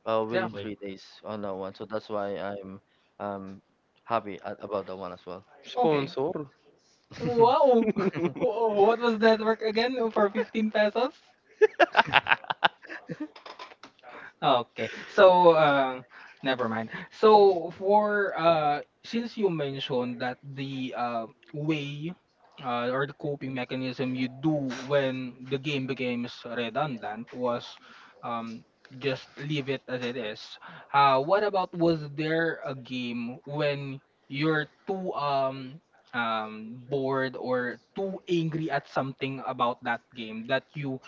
[SPEAKER 2] within
[SPEAKER 1] exactly.
[SPEAKER 2] 3 days on that one. So that's why I'm um happy about that one as well.
[SPEAKER 1] Okay.
[SPEAKER 3] Sponsor.
[SPEAKER 1] Wow. What was that work again for 15 pesos? Okay. So, never mind. So, for since you mentioned that the, way, or the coping mechanism you do when the game becomes redundant, was um, just leave it as it is. What about, was there a game when you're too bored or too angry at something about that game that you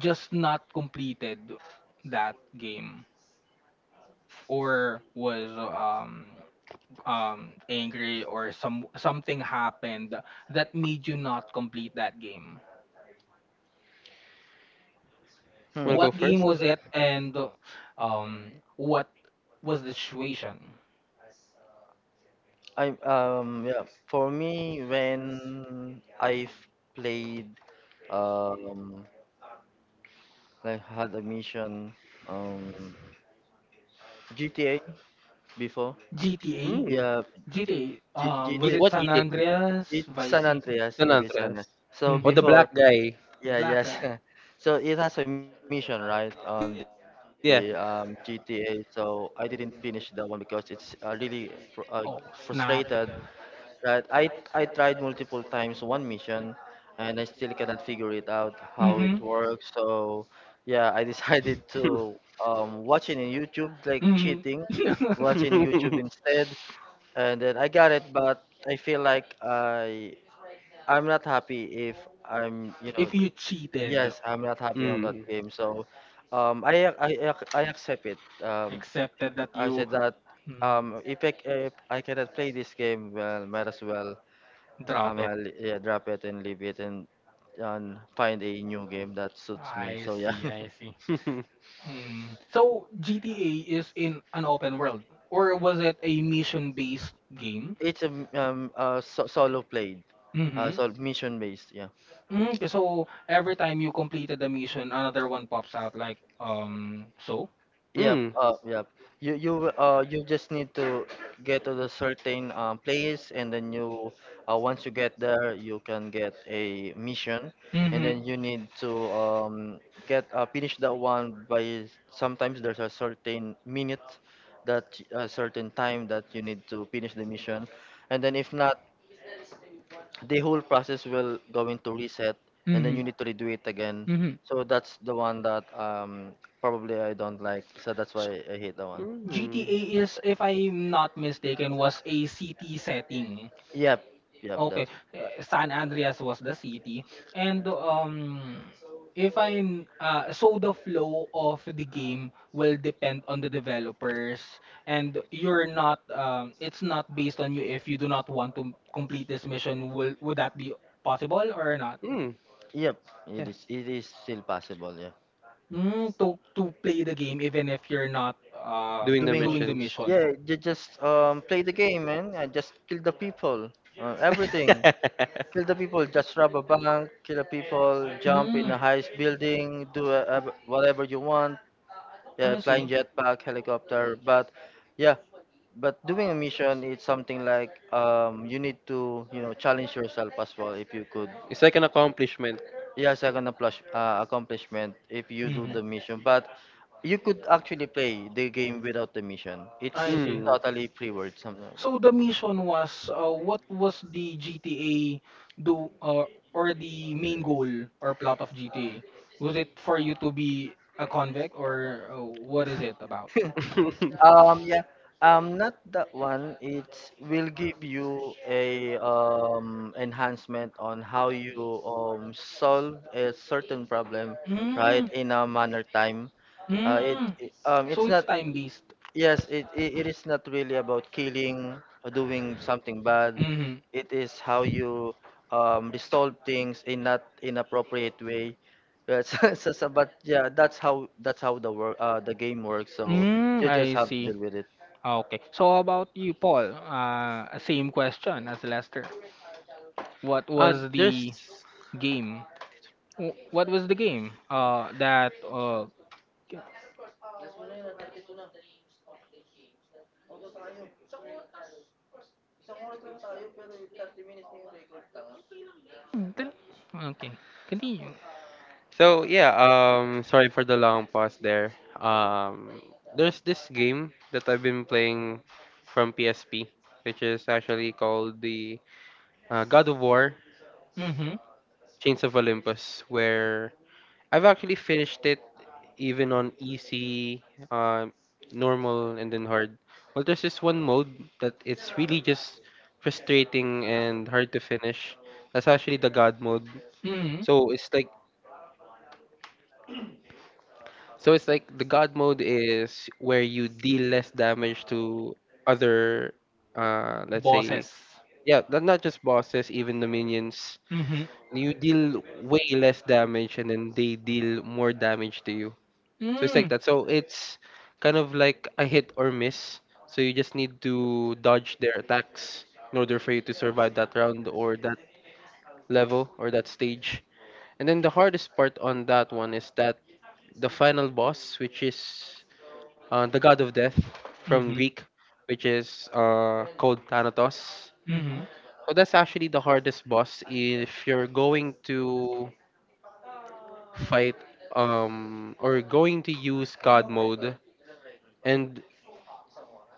[SPEAKER 1] just not completed that game, or was angry, or something happened that made you not complete that game?
[SPEAKER 2] Hmm.
[SPEAKER 3] Wanna go
[SPEAKER 1] What game
[SPEAKER 3] first?
[SPEAKER 1] was it, and um what was the situation?
[SPEAKER 2] I'm Yeah, for me, when I've played um like had a mission, um GTA before.
[SPEAKER 1] GTA.
[SPEAKER 3] Mm.
[SPEAKER 2] Yeah,
[SPEAKER 1] GTA,
[SPEAKER 2] G
[SPEAKER 1] was
[SPEAKER 2] GTA.
[SPEAKER 1] it
[SPEAKER 3] What
[SPEAKER 1] San
[SPEAKER 3] GTA?
[SPEAKER 1] Andreas,
[SPEAKER 2] It's
[SPEAKER 1] Vice
[SPEAKER 2] San
[SPEAKER 1] City?
[SPEAKER 2] Andreas,
[SPEAKER 3] San
[SPEAKER 2] it is
[SPEAKER 3] Andreas.
[SPEAKER 2] San so
[SPEAKER 3] Oh, the
[SPEAKER 1] Mm-hmm.
[SPEAKER 3] black
[SPEAKER 2] before,
[SPEAKER 3] guy.
[SPEAKER 2] yeah, yes.
[SPEAKER 1] Okay.
[SPEAKER 2] So it has a mission, right, on the GTA. So I didn't finish that one because it's really
[SPEAKER 3] It.
[SPEAKER 1] Oh,
[SPEAKER 2] frustrated.
[SPEAKER 1] snap.
[SPEAKER 2] That I tried multiple times one mission and I still cannot figure it out how
[SPEAKER 1] Mm-hmm.
[SPEAKER 2] it works. So yeah, I decided to watching in YouTube like
[SPEAKER 1] Mm-hmm.
[SPEAKER 2] cheating, watching YouTube instead, and then I got it, but I feel like I'm not happy if I'm, you
[SPEAKER 1] If
[SPEAKER 2] know.
[SPEAKER 1] you cheated?
[SPEAKER 2] Yes, I'm not happy on that game. So I accept it.
[SPEAKER 1] Accepted that
[SPEAKER 2] I
[SPEAKER 1] you
[SPEAKER 2] said that, if I cannot play this game well, might as well.
[SPEAKER 1] drop it.
[SPEAKER 2] Yeah, drop it and leave it, and find a new game that suits me.
[SPEAKER 1] I
[SPEAKER 2] So yeah,
[SPEAKER 1] see, I see.
[SPEAKER 3] It.
[SPEAKER 1] Mm. So GTA is in an open world, or was it a mission-based game?
[SPEAKER 2] it's a solo played,
[SPEAKER 1] Mm-hmm.
[SPEAKER 2] so mission based.
[SPEAKER 1] Mm, okay, so every time you completed the mission, another one pops out, like, so.
[SPEAKER 2] Yep, yep. You just need to get to the certain place, and then you, once you get there, you can get a mission. And
[SPEAKER 1] Mm-hmm.
[SPEAKER 2] then you need to get, finish that one by sometimes there's a certain minute that a certain time that you need to finish the mission. And then if not, the whole process will going to reset, and then
[SPEAKER 1] Mm-hmm.
[SPEAKER 2] you need to redo it again.
[SPEAKER 1] Mm-hmm.
[SPEAKER 2] So that's the one that probably I don't like, so that's why I hate that one.
[SPEAKER 3] Mm.
[SPEAKER 1] GTA is, if I'm not mistaken, was a city setting.
[SPEAKER 2] Yep. Yep, that
[SPEAKER 1] Okay,
[SPEAKER 2] is.
[SPEAKER 1] San Andreas was the city, and if I'm so the flow of the game will depend on the developers, and you're not it's not based on you if you do not want to complete this mission. Will would that be possible or not?
[SPEAKER 3] Mm.
[SPEAKER 2] Yep. It is still possible, yeah.
[SPEAKER 1] Mm, to play the game even if you're not
[SPEAKER 3] Doing the
[SPEAKER 2] Doing.
[SPEAKER 1] doing the mission.
[SPEAKER 2] Yeah, just play the game, man, and just kill the people,
[SPEAKER 3] Kill.
[SPEAKER 2] everything. Kill the people, just rob a bank, kill the people, jump
[SPEAKER 1] Mm,
[SPEAKER 2] in a highest building, do whatever you want. Yeah,
[SPEAKER 1] I
[SPEAKER 2] flying,
[SPEAKER 1] see.
[SPEAKER 2] jetpack, helicopter. But yeah, but doing a mission, it's something like you need to, challenge yourself as well if you could.
[SPEAKER 3] It's like an accomplishment.
[SPEAKER 2] Yeah, second accomplishment if you do
[SPEAKER 1] Hmm
[SPEAKER 2] the mission. But you could actually play the game without the mission.
[SPEAKER 1] I
[SPEAKER 2] It's
[SPEAKER 1] see.
[SPEAKER 3] Mm.
[SPEAKER 2] totally free word, something like
[SPEAKER 1] So the mission
[SPEAKER 2] that.
[SPEAKER 1] was what was the GTA do or the main goal or plot of GTA? Was it for you to be a convict or what is it about?
[SPEAKER 2] Yeah. Not that one. It will give you a enhancement on how you solve a certain problem, right,
[SPEAKER 1] Mm,
[SPEAKER 2] in a manner time. Uh, it,
[SPEAKER 1] mm.
[SPEAKER 2] it um it's
[SPEAKER 1] So it's
[SPEAKER 2] not.
[SPEAKER 1] time based.
[SPEAKER 2] Yes, it is not really about killing or doing something bad.
[SPEAKER 1] Mm-hmm.
[SPEAKER 2] It is how you resolve things in not inappropriate way. Yeah, but yeah, that's how the game works. So
[SPEAKER 1] Mm,
[SPEAKER 2] you just
[SPEAKER 1] I
[SPEAKER 2] have to
[SPEAKER 1] see.
[SPEAKER 2] deal with it.
[SPEAKER 1] Okay. So how about you, Paul? Same question as Lester. What was the
[SPEAKER 3] There's.
[SPEAKER 1] game? What was the game? That okay. Continue.
[SPEAKER 3] So yeah. Sorry for the long pause there. Um. There's this game that I've been playing from PSP, which is actually called the God of War:
[SPEAKER 1] Mm-hmm.
[SPEAKER 3] Chains of Olympus, where I've actually finished it even on easy, um, normal, and then hard. Well, there's this one mode that it's really just frustrating and hard to finish. That's actually the god mode.
[SPEAKER 1] Mhm,
[SPEAKER 3] So it's like so it's like the god mode is where you deal less damage to other, let's say,
[SPEAKER 1] boses.
[SPEAKER 3] yeah, not just bosses, even the minions.
[SPEAKER 1] Mhm,
[SPEAKER 3] You deal way less damage, and then they deal more damage to you. So it's
[SPEAKER 1] mm
[SPEAKER 3] like that. So it's kind of like a hit or miss. So you just need to dodge their attacks in order for you to survive that round or that level or that stage. And then the hardest part on that one is that the final boss, which is the god of death
[SPEAKER 1] Mhm,
[SPEAKER 3] from Greek, which is called Thanatos.
[SPEAKER 1] mhm.
[SPEAKER 3] So that's actually the hardest boss if you're going to fight or going to use god mode and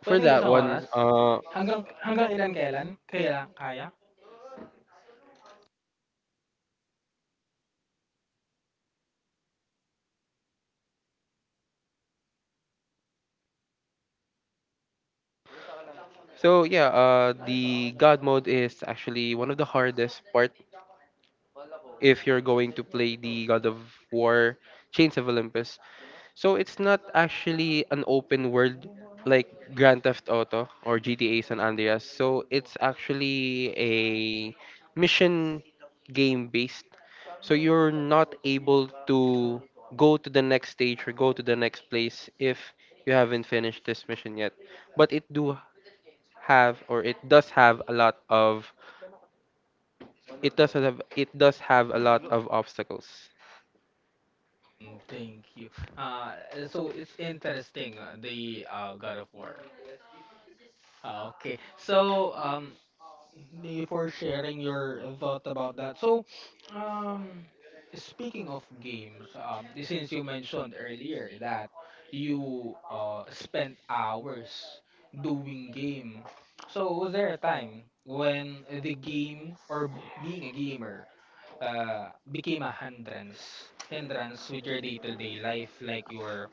[SPEAKER 3] for
[SPEAKER 1] Pwedeng
[SPEAKER 3] that
[SPEAKER 1] isang oras?
[SPEAKER 3] one,
[SPEAKER 1] Hanggang ilan kailan kaila kaya?
[SPEAKER 3] so yeah, the God mode is actually one of the hardest part if you're going to play the God of War Chains of Olympus. So it's not actually an open world like Grand Theft Auto or GTA San Andreas. So it's actually a mission game based. So you're not able to go to the next stage or go to the next place if you haven't finished this mission yet. But it does have a lot of it does have a lot of obstacles.
[SPEAKER 1] Hmm, thank you. Ah, so it's interesting, ah, the, ah, God of War. Ah, okey. So, thank you for sharing your thought about that. So, um, speaking of games, since you mentioned earlier that you spent hours doing game, so was there a time when the game or being a gamer became a hindrance with your day-to-day life, like your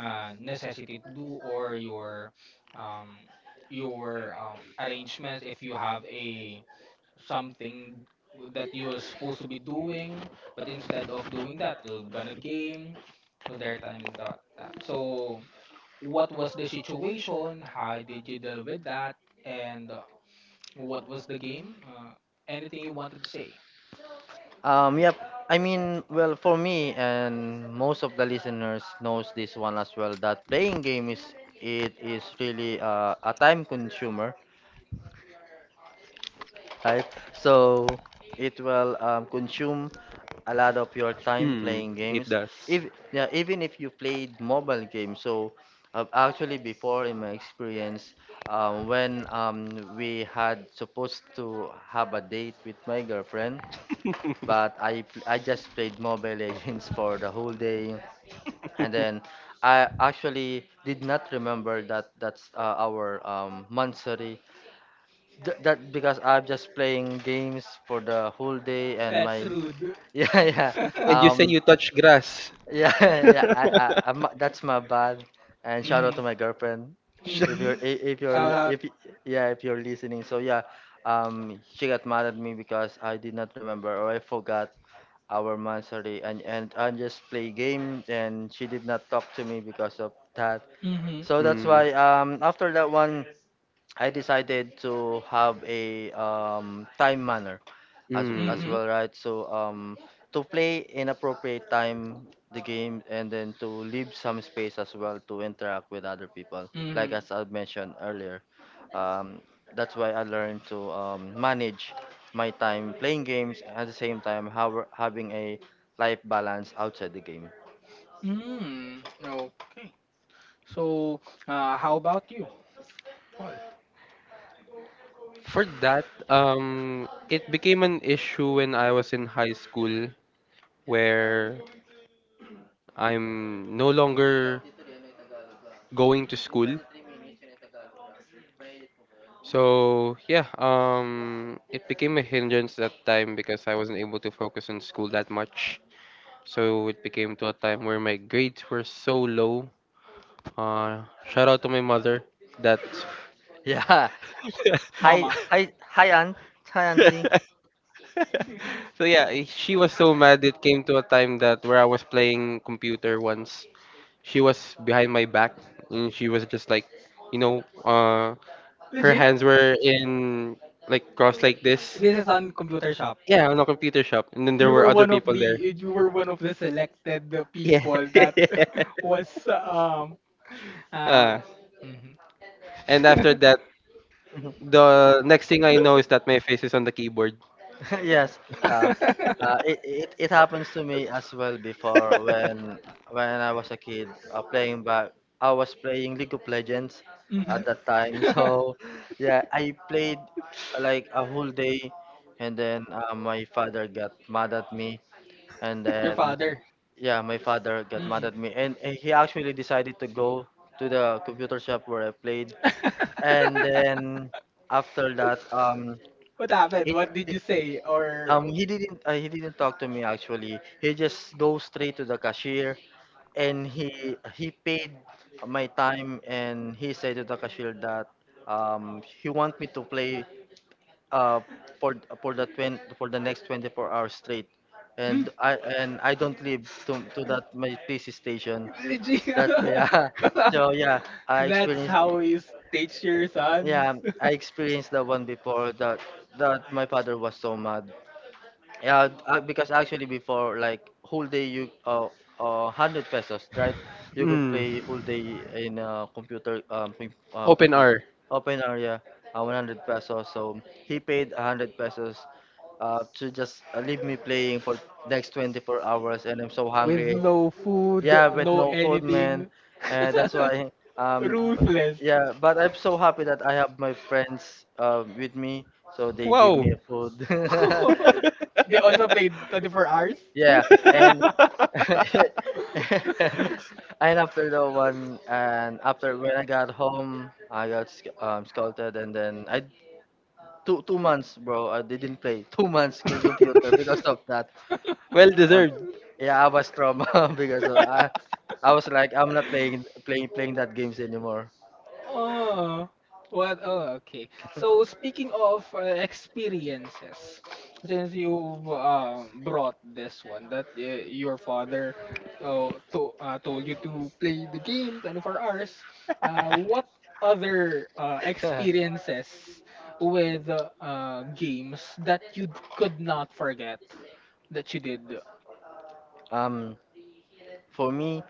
[SPEAKER 1] necessity to do or um your arrangements if you have a something that you are supposed to be doing, but instead of doing that, you're gonna game. Was there a time that that? So, what was the situation? How did you deal with that? And what was the game? Anything you wanted to say?
[SPEAKER 2] Yep. I mean, well, for me and most of the listeners knows this one as well, that playing game is, it is really, a time consumer, right? So it will, consume a lot of your time
[SPEAKER 3] Mm,
[SPEAKER 2] playing
[SPEAKER 3] it
[SPEAKER 2] games.
[SPEAKER 3] does.
[SPEAKER 2] If, yeah, even if you played mobile games. So, actually, before in my experience, when we had supposed to have a date with my girlfriend, but I just played Mobile Legends for the whole day, and then. I actually did not remember that that's, our monthsary. That because I'm just playing games for the whole day, and
[SPEAKER 1] That's
[SPEAKER 2] my
[SPEAKER 1] rude.
[SPEAKER 2] yeah, yeah.
[SPEAKER 3] And you say
[SPEAKER 2] um
[SPEAKER 3] you touch grass.
[SPEAKER 2] yeah. Yeah, I'm, that's my bad. And shout out
[SPEAKER 1] mm-hmm.
[SPEAKER 2] to my girlfriend, if you're
[SPEAKER 1] Mm-hmm.
[SPEAKER 2] I- if you're
[SPEAKER 1] Shout out.
[SPEAKER 2] if y- yeah, if you're listening, so yeah. She got mad at me because I did not remember or I forgot our monthly, and I just play game, and she did not talk to me because of that.
[SPEAKER 1] Mm-hmm.
[SPEAKER 2] So that's
[SPEAKER 3] Mm,
[SPEAKER 2] why, after that one, I decided to have a, time manner as
[SPEAKER 1] Mm-hmm.
[SPEAKER 3] mm.
[SPEAKER 2] well, right? So, to play in appropriate time the game, and then to leave some space as well to interact with other people. Like
[SPEAKER 1] Mm-hmm.
[SPEAKER 2] as I mentioned earlier, um, that's why I learned to, manage my time playing games, and at the same time having a life balance outside the game.
[SPEAKER 1] Mm. Okay. So, how about you, Paul?
[SPEAKER 3] For that, it became an issue when I was in high school where I'm no longer going to school. So yeah, it became a hindrance that time because I wasn't able to focus on school that much. So it became to a time where my grades were so low. Shout out to my mother that.
[SPEAKER 2] Yeah. Hi,
[SPEAKER 1] Mama.
[SPEAKER 2] hi, hi, Aunt. Hi, Auntie.
[SPEAKER 3] So yeah, she was so mad. It came to a time that where I was playing computer once, she was behind my back, and she was just like you know uh her
[SPEAKER 1] Legit?
[SPEAKER 3] hands were in like crossed like this,
[SPEAKER 1] This is on computer shop.
[SPEAKER 3] yeah, on a computer shop, and then there
[SPEAKER 1] You
[SPEAKER 3] were
[SPEAKER 1] were
[SPEAKER 3] other
[SPEAKER 1] one of
[SPEAKER 3] people there,
[SPEAKER 1] the you were one of the selected
[SPEAKER 3] yeah.
[SPEAKER 1] people that was um
[SPEAKER 3] uh,
[SPEAKER 1] um
[SPEAKER 3] and after that, the next thing I know is that my face is on the keyboard.
[SPEAKER 2] Yes, uh, it happens to me as well before when I was a kid, playing back. I was playing League of Legends at
[SPEAKER 1] mhm.
[SPEAKER 2] that time, so yeah, I played, like a whole day, and then, my father got mad at me, and
[SPEAKER 1] your
[SPEAKER 2] then,
[SPEAKER 1] father.
[SPEAKER 2] yeah, my father got mad
[SPEAKER 1] Mm.
[SPEAKER 2] at me, and he actually decided to go to the computer shop where I played, and then after that.
[SPEAKER 1] What
[SPEAKER 2] He
[SPEAKER 1] happened? What did you say? Or
[SPEAKER 2] he didn't talk to me actually. He just goes straight to the cashier, and he paid my time, and he said to the cashier that he want me to play, uh for for the 20, for the next 24 hours straight.
[SPEAKER 1] Hmm,
[SPEAKER 2] And I don't live to that my PC station.
[SPEAKER 1] legit.
[SPEAKER 2] That, yeah. So yeah, I
[SPEAKER 1] That's
[SPEAKER 2] experienced.
[SPEAKER 1] how you teach your sons.
[SPEAKER 2] Yeah, I experienced that one before that that my father was so mad. Yeah, because actually before like whole day you, 100 pesos, right? You could
[SPEAKER 3] Mm.
[SPEAKER 2] play whole day in a computer,
[SPEAKER 3] open r
[SPEAKER 2] open area, 100 pesos. So he paid 100 pesos to just, leave me playing for next 24 hours, and I'm so
[SPEAKER 1] With
[SPEAKER 2] hungry.
[SPEAKER 1] no food,
[SPEAKER 2] Yeah, with
[SPEAKER 1] no
[SPEAKER 2] no food, man.
[SPEAKER 1] anything.
[SPEAKER 2] And that's why um b-
[SPEAKER 1] Ruthless.
[SPEAKER 2] yeah, but I'm so happy that I have my friends, with me, so they give
[SPEAKER 3] Wow.
[SPEAKER 2] me food.
[SPEAKER 1] They also played 24 hours.
[SPEAKER 2] Yeah, and and after the one, and after when I got home, I got scolded, and then I two months, bro. I didn't play 2 months computer because of that.
[SPEAKER 3] Well
[SPEAKER 2] Um,
[SPEAKER 3] deserved.
[SPEAKER 2] yeah, I was trauma because of, I was like I'm not playing that games anymore.
[SPEAKER 1] Oh, what? Oh, okay. So speaking of experiences, since you've brought this one that your father told you to play the game 24 hours, what other experiences with games that you could not forget that you did?
[SPEAKER 2] Um, for me,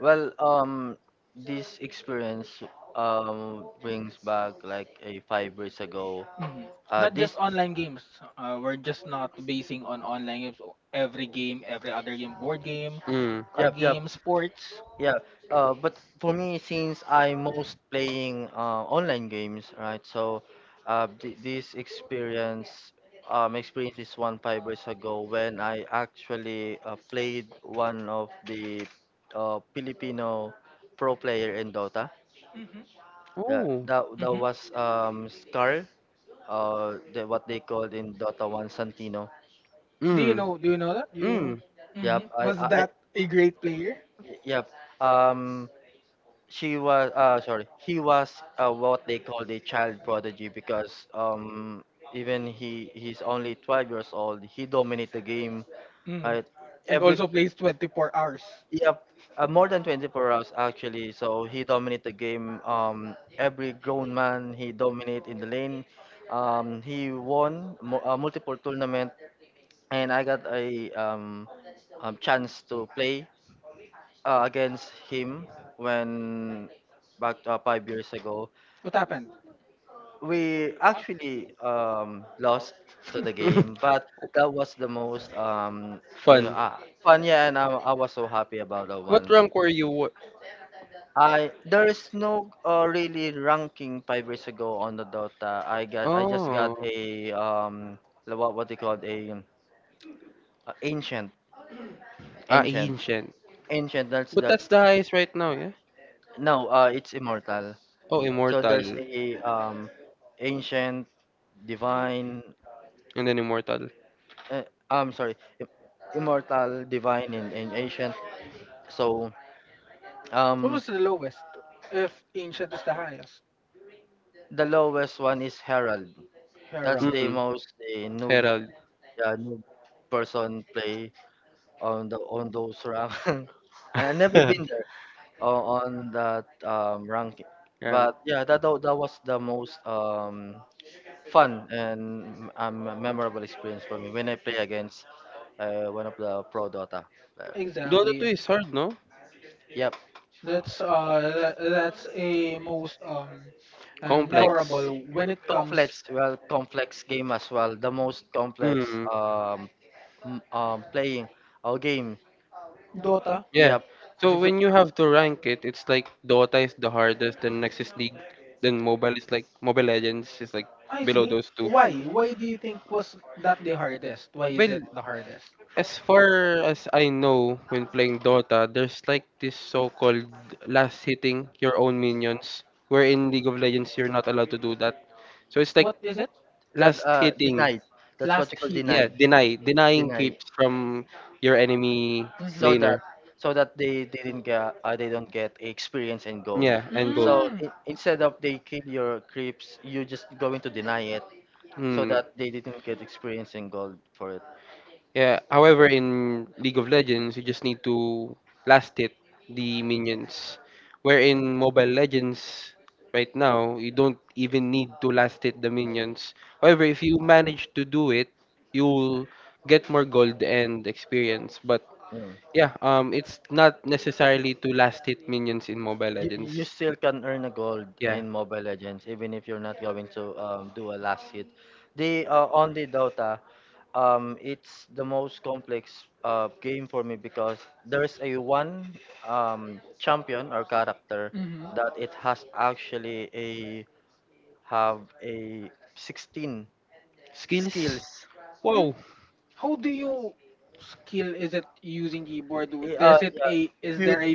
[SPEAKER 2] well, this experience brings back like a 5 years ago.
[SPEAKER 1] Mhm. Not just
[SPEAKER 2] This.
[SPEAKER 1] online games. We're just not basing on online games. Every game, every other game, board game
[SPEAKER 3] Mm.
[SPEAKER 1] card
[SPEAKER 2] Yep, yep,
[SPEAKER 1] game, sports.
[SPEAKER 2] yeah. But for me, since I'm most playing, online games, right? So, this experience, experienced this one 5 years ago when I actually, played one of the, Filipino pro player in Dota. Yeah,
[SPEAKER 3] Ooh.
[SPEAKER 2] that
[SPEAKER 1] Hmm
[SPEAKER 2] was, Scar, the, what they called in Dota One Santino.
[SPEAKER 1] Do you
[SPEAKER 3] Mm.
[SPEAKER 1] know? Do you know that? Do you?
[SPEAKER 3] Mm.
[SPEAKER 2] Hmm. Yep.
[SPEAKER 1] Hmm Was that a great player?
[SPEAKER 2] I, yep. Um, she was, sorry, he was, what they call the child prodigy, because even he's only 12 years old, he dominate the game,
[SPEAKER 1] Mm.
[SPEAKER 2] right.
[SPEAKER 1] And
[SPEAKER 2] Every,
[SPEAKER 1] also plays 24 hours.
[SPEAKER 2] yeah, more than 24 hours actually, so he dominate the game, every grown man he dominate in the lane. He won, multiple tournament, and I got a, chance to play, against him, when back, 5 years ago.
[SPEAKER 1] What happened?
[SPEAKER 2] We actually lost to the game, but that was the most, you know
[SPEAKER 3] Fun.
[SPEAKER 2] uh, fun. Yeah, and I was so happy about that
[SPEAKER 3] What
[SPEAKER 2] one bit.
[SPEAKER 3] rank were you?
[SPEAKER 2] I There is no, really ranking 5 years ago on the Dota. I just got
[SPEAKER 3] Oh.
[SPEAKER 2] a, the, what they call a ancient
[SPEAKER 3] Ah,
[SPEAKER 2] ancient
[SPEAKER 3] ancient.
[SPEAKER 2] ancient. That's
[SPEAKER 3] But
[SPEAKER 2] the.
[SPEAKER 3] that's the highest right now, yeah?
[SPEAKER 2] No, it's immortal.
[SPEAKER 3] Oh,
[SPEAKER 2] So there's
[SPEAKER 3] immortal.
[SPEAKER 2] a, ancient, divine.
[SPEAKER 3] And then immortal.
[SPEAKER 2] uh, I'm sorry, immortal, divine, and ancient. So,
[SPEAKER 1] what
[SPEAKER 2] um,
[SPEAKER 1] was the lowest? If ancient is the highest,
[SPEAKER 2] the lowest one is Herald. That's
[SPEAKER 1] herald.
[SPEAKER 2] the
[SPEAKER 3] Mm.
[SPEAKER 2] most the noob,
[SPEAKER 3] Herald.
[SPEAKER 2] yeah, noob person play on those rank. I never been there, on that ranking,
[SPEAKER 3] Rank.
[SPEAKER 2] but yeah, that was the most fun and memorable experience for me when I play against, one of the pro Dota player.
[SPEAKER 3] Dota 2
[SPEAKER 1] Exactly.
[SPEAKER 3] is hard, no?
[SPEAKER 1] That's a most and
[SPEAKER 2] Yep.
[SPEAKER 3] Complex.
[SPEAKER 1] memorable when it comes
[SPEAKER 2] Complex, well, complex game as well. The most complex
[SPEAKER 3] Mm.
[SPEAKER 2] playing our game.
[SPEAKER 1] Dota.
[SPEAKER 3] Yeah.
[SPEAKER 2] Yeah, you
[SPEAKER 3] So
[SPEAKER 2] be-
[SPEAKER 3] when you have to rank it, it's like Dota is the hardest, then next is League, then Mobile Legends is like
[SPEAKER 1] I
[SPEAKER 3] below
[SPEAKER 1] see.
[SPEAKER 3] those two.
[SPEAKER 1] Why do you think was that the hardest? Why is
[SPEAKER 3] Well,
[SPEAKER 1] it the hardest?
[SPEAKER 3] as far as I know, when playing Dota, there's like this so-called last hitting your own minions, where in League of Legends you're not allowed to do that. So it's like
[SPEAKER 1] What is it?
[SPEAKER 2] that,
[SPEAKER 3] last hitting,
[SPEAKER 2] denied. That's what you
[SPEAKER 1] Last
[SPEAKER 2] call
[SPEAKER 3] yeah,
[SPEAKER 1] hitting.
[SPEAKER 2] denied.
[SPEAKER 3] denying
[SPEAKER 2] Deny.
[SPEAKER 3] creeps from your enemy
[SPEAKER 1] Mm-hmm.
[SPEAKER 2] So that
[SPEAKER 3] laner.
[SPEAKER 2] so that they didn't get, they don't get experience and gold.
[SPEAKER 3] Yeah, and gold.
[SPEAKER 2] So
[SPEAKER 1] Mm.
[SPEAKER 2] I instead of they kill your creeps, you just going to deny it so
[SPEAKER 3] Hmm.
[SPEAKER 2] that they didn't get experience and gold for it.
[SPEAKER 3] Yeah. However, in League of Legends, you just need to blast it the minions. Where in Mobile Legends, right now, you don't even need to last it the minions. However, if you manage to do it, you'll get more gold and experience. But
[SPEAKER 2] Mm.
[SPEAKER 3] yeah, it's not necessarily to last hit minions in Mobile
[SPEAKER 2] You
[SPEAKER 3] Legends.
[SPEAKER 2] still can earn a gold
[SPEAKER 3] Yeah.
[SPEAKER 2] in Mobile Legends even if you're not going to, do a last hit. The, on the Dota, it's the most complex, game for me because there's a one, champion or character
[SPEAKER 1] Mm-hmm.
[SPEAKER 2] that it has actually a have a 16
[SPEAKER 3] Skills?
[SPEAKER 2] skills.
[SPEAKER 1] Mm.
[SPEAKER 3] Wow.
[SPEAKER 1] How do you skill is
[SPEAKER 2] I-
[SPEAKER 1] it using keyboard? Does it
[SPEAKER 2] Yeah,
[SPEAKER 1] a is
[SPEAKER 2] Q,
[SPEAKER 1] there a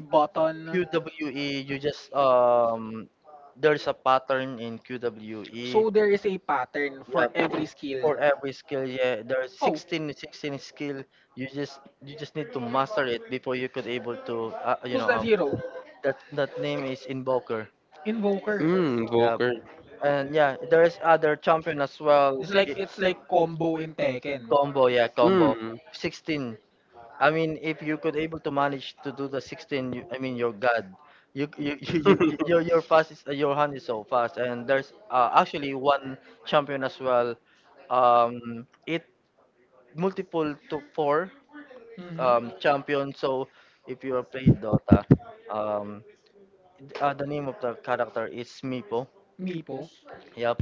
[SPEAKER 2] Q
[SPEAKER 1] button?
[SPEAKER 2] W E, You just, there's a pattern in QWE.
[SPEAKER 1] So there is a pattern
[SPEAKER 2] Yeah,
[SPEAKER 1] for every
[SPEAKER 2] for
[SPEAKER 1] skill.
[SPEAKER 2] every skill, yeah, there are
[SPEAKER 1] Oh,
[SPEAKER 2] 16, 16 skill. You just need to master it before you could able to,
[SPEAKER 1] who's that hero?
[SPEAKER 2] that name is Invoker.
[SPEAKER 1] Invoker.
[SPEAKER 3] Mm,
[SPEAKER 2] Yeah,
[SPEAKER 3] Volker.
[SPEAKER 2] and yeah, there is other champion as well.
[SPEAKER 1] It's like
[SPEAKER 2] i-
[SPEAKER 1] it's like combo in Tekken.
[SPEAKER 2] Combo, yeah, combo.
[SPEAKER 3] Mm.
[SPEAKER 2] 16. I mean, if you could able to manage to do the 16, you, I mean, you're God. You you your fast is your hand is so fast, and there's, actually one champion as well. It multiple to four
[SPEAKER 1] Mm-hmm.
[SPEAKER 2] champion. So if you are played Dota, um the name of the character is Meepo.
[SPEAKER 1] Meepo.
[SPEAKER 2] Yep.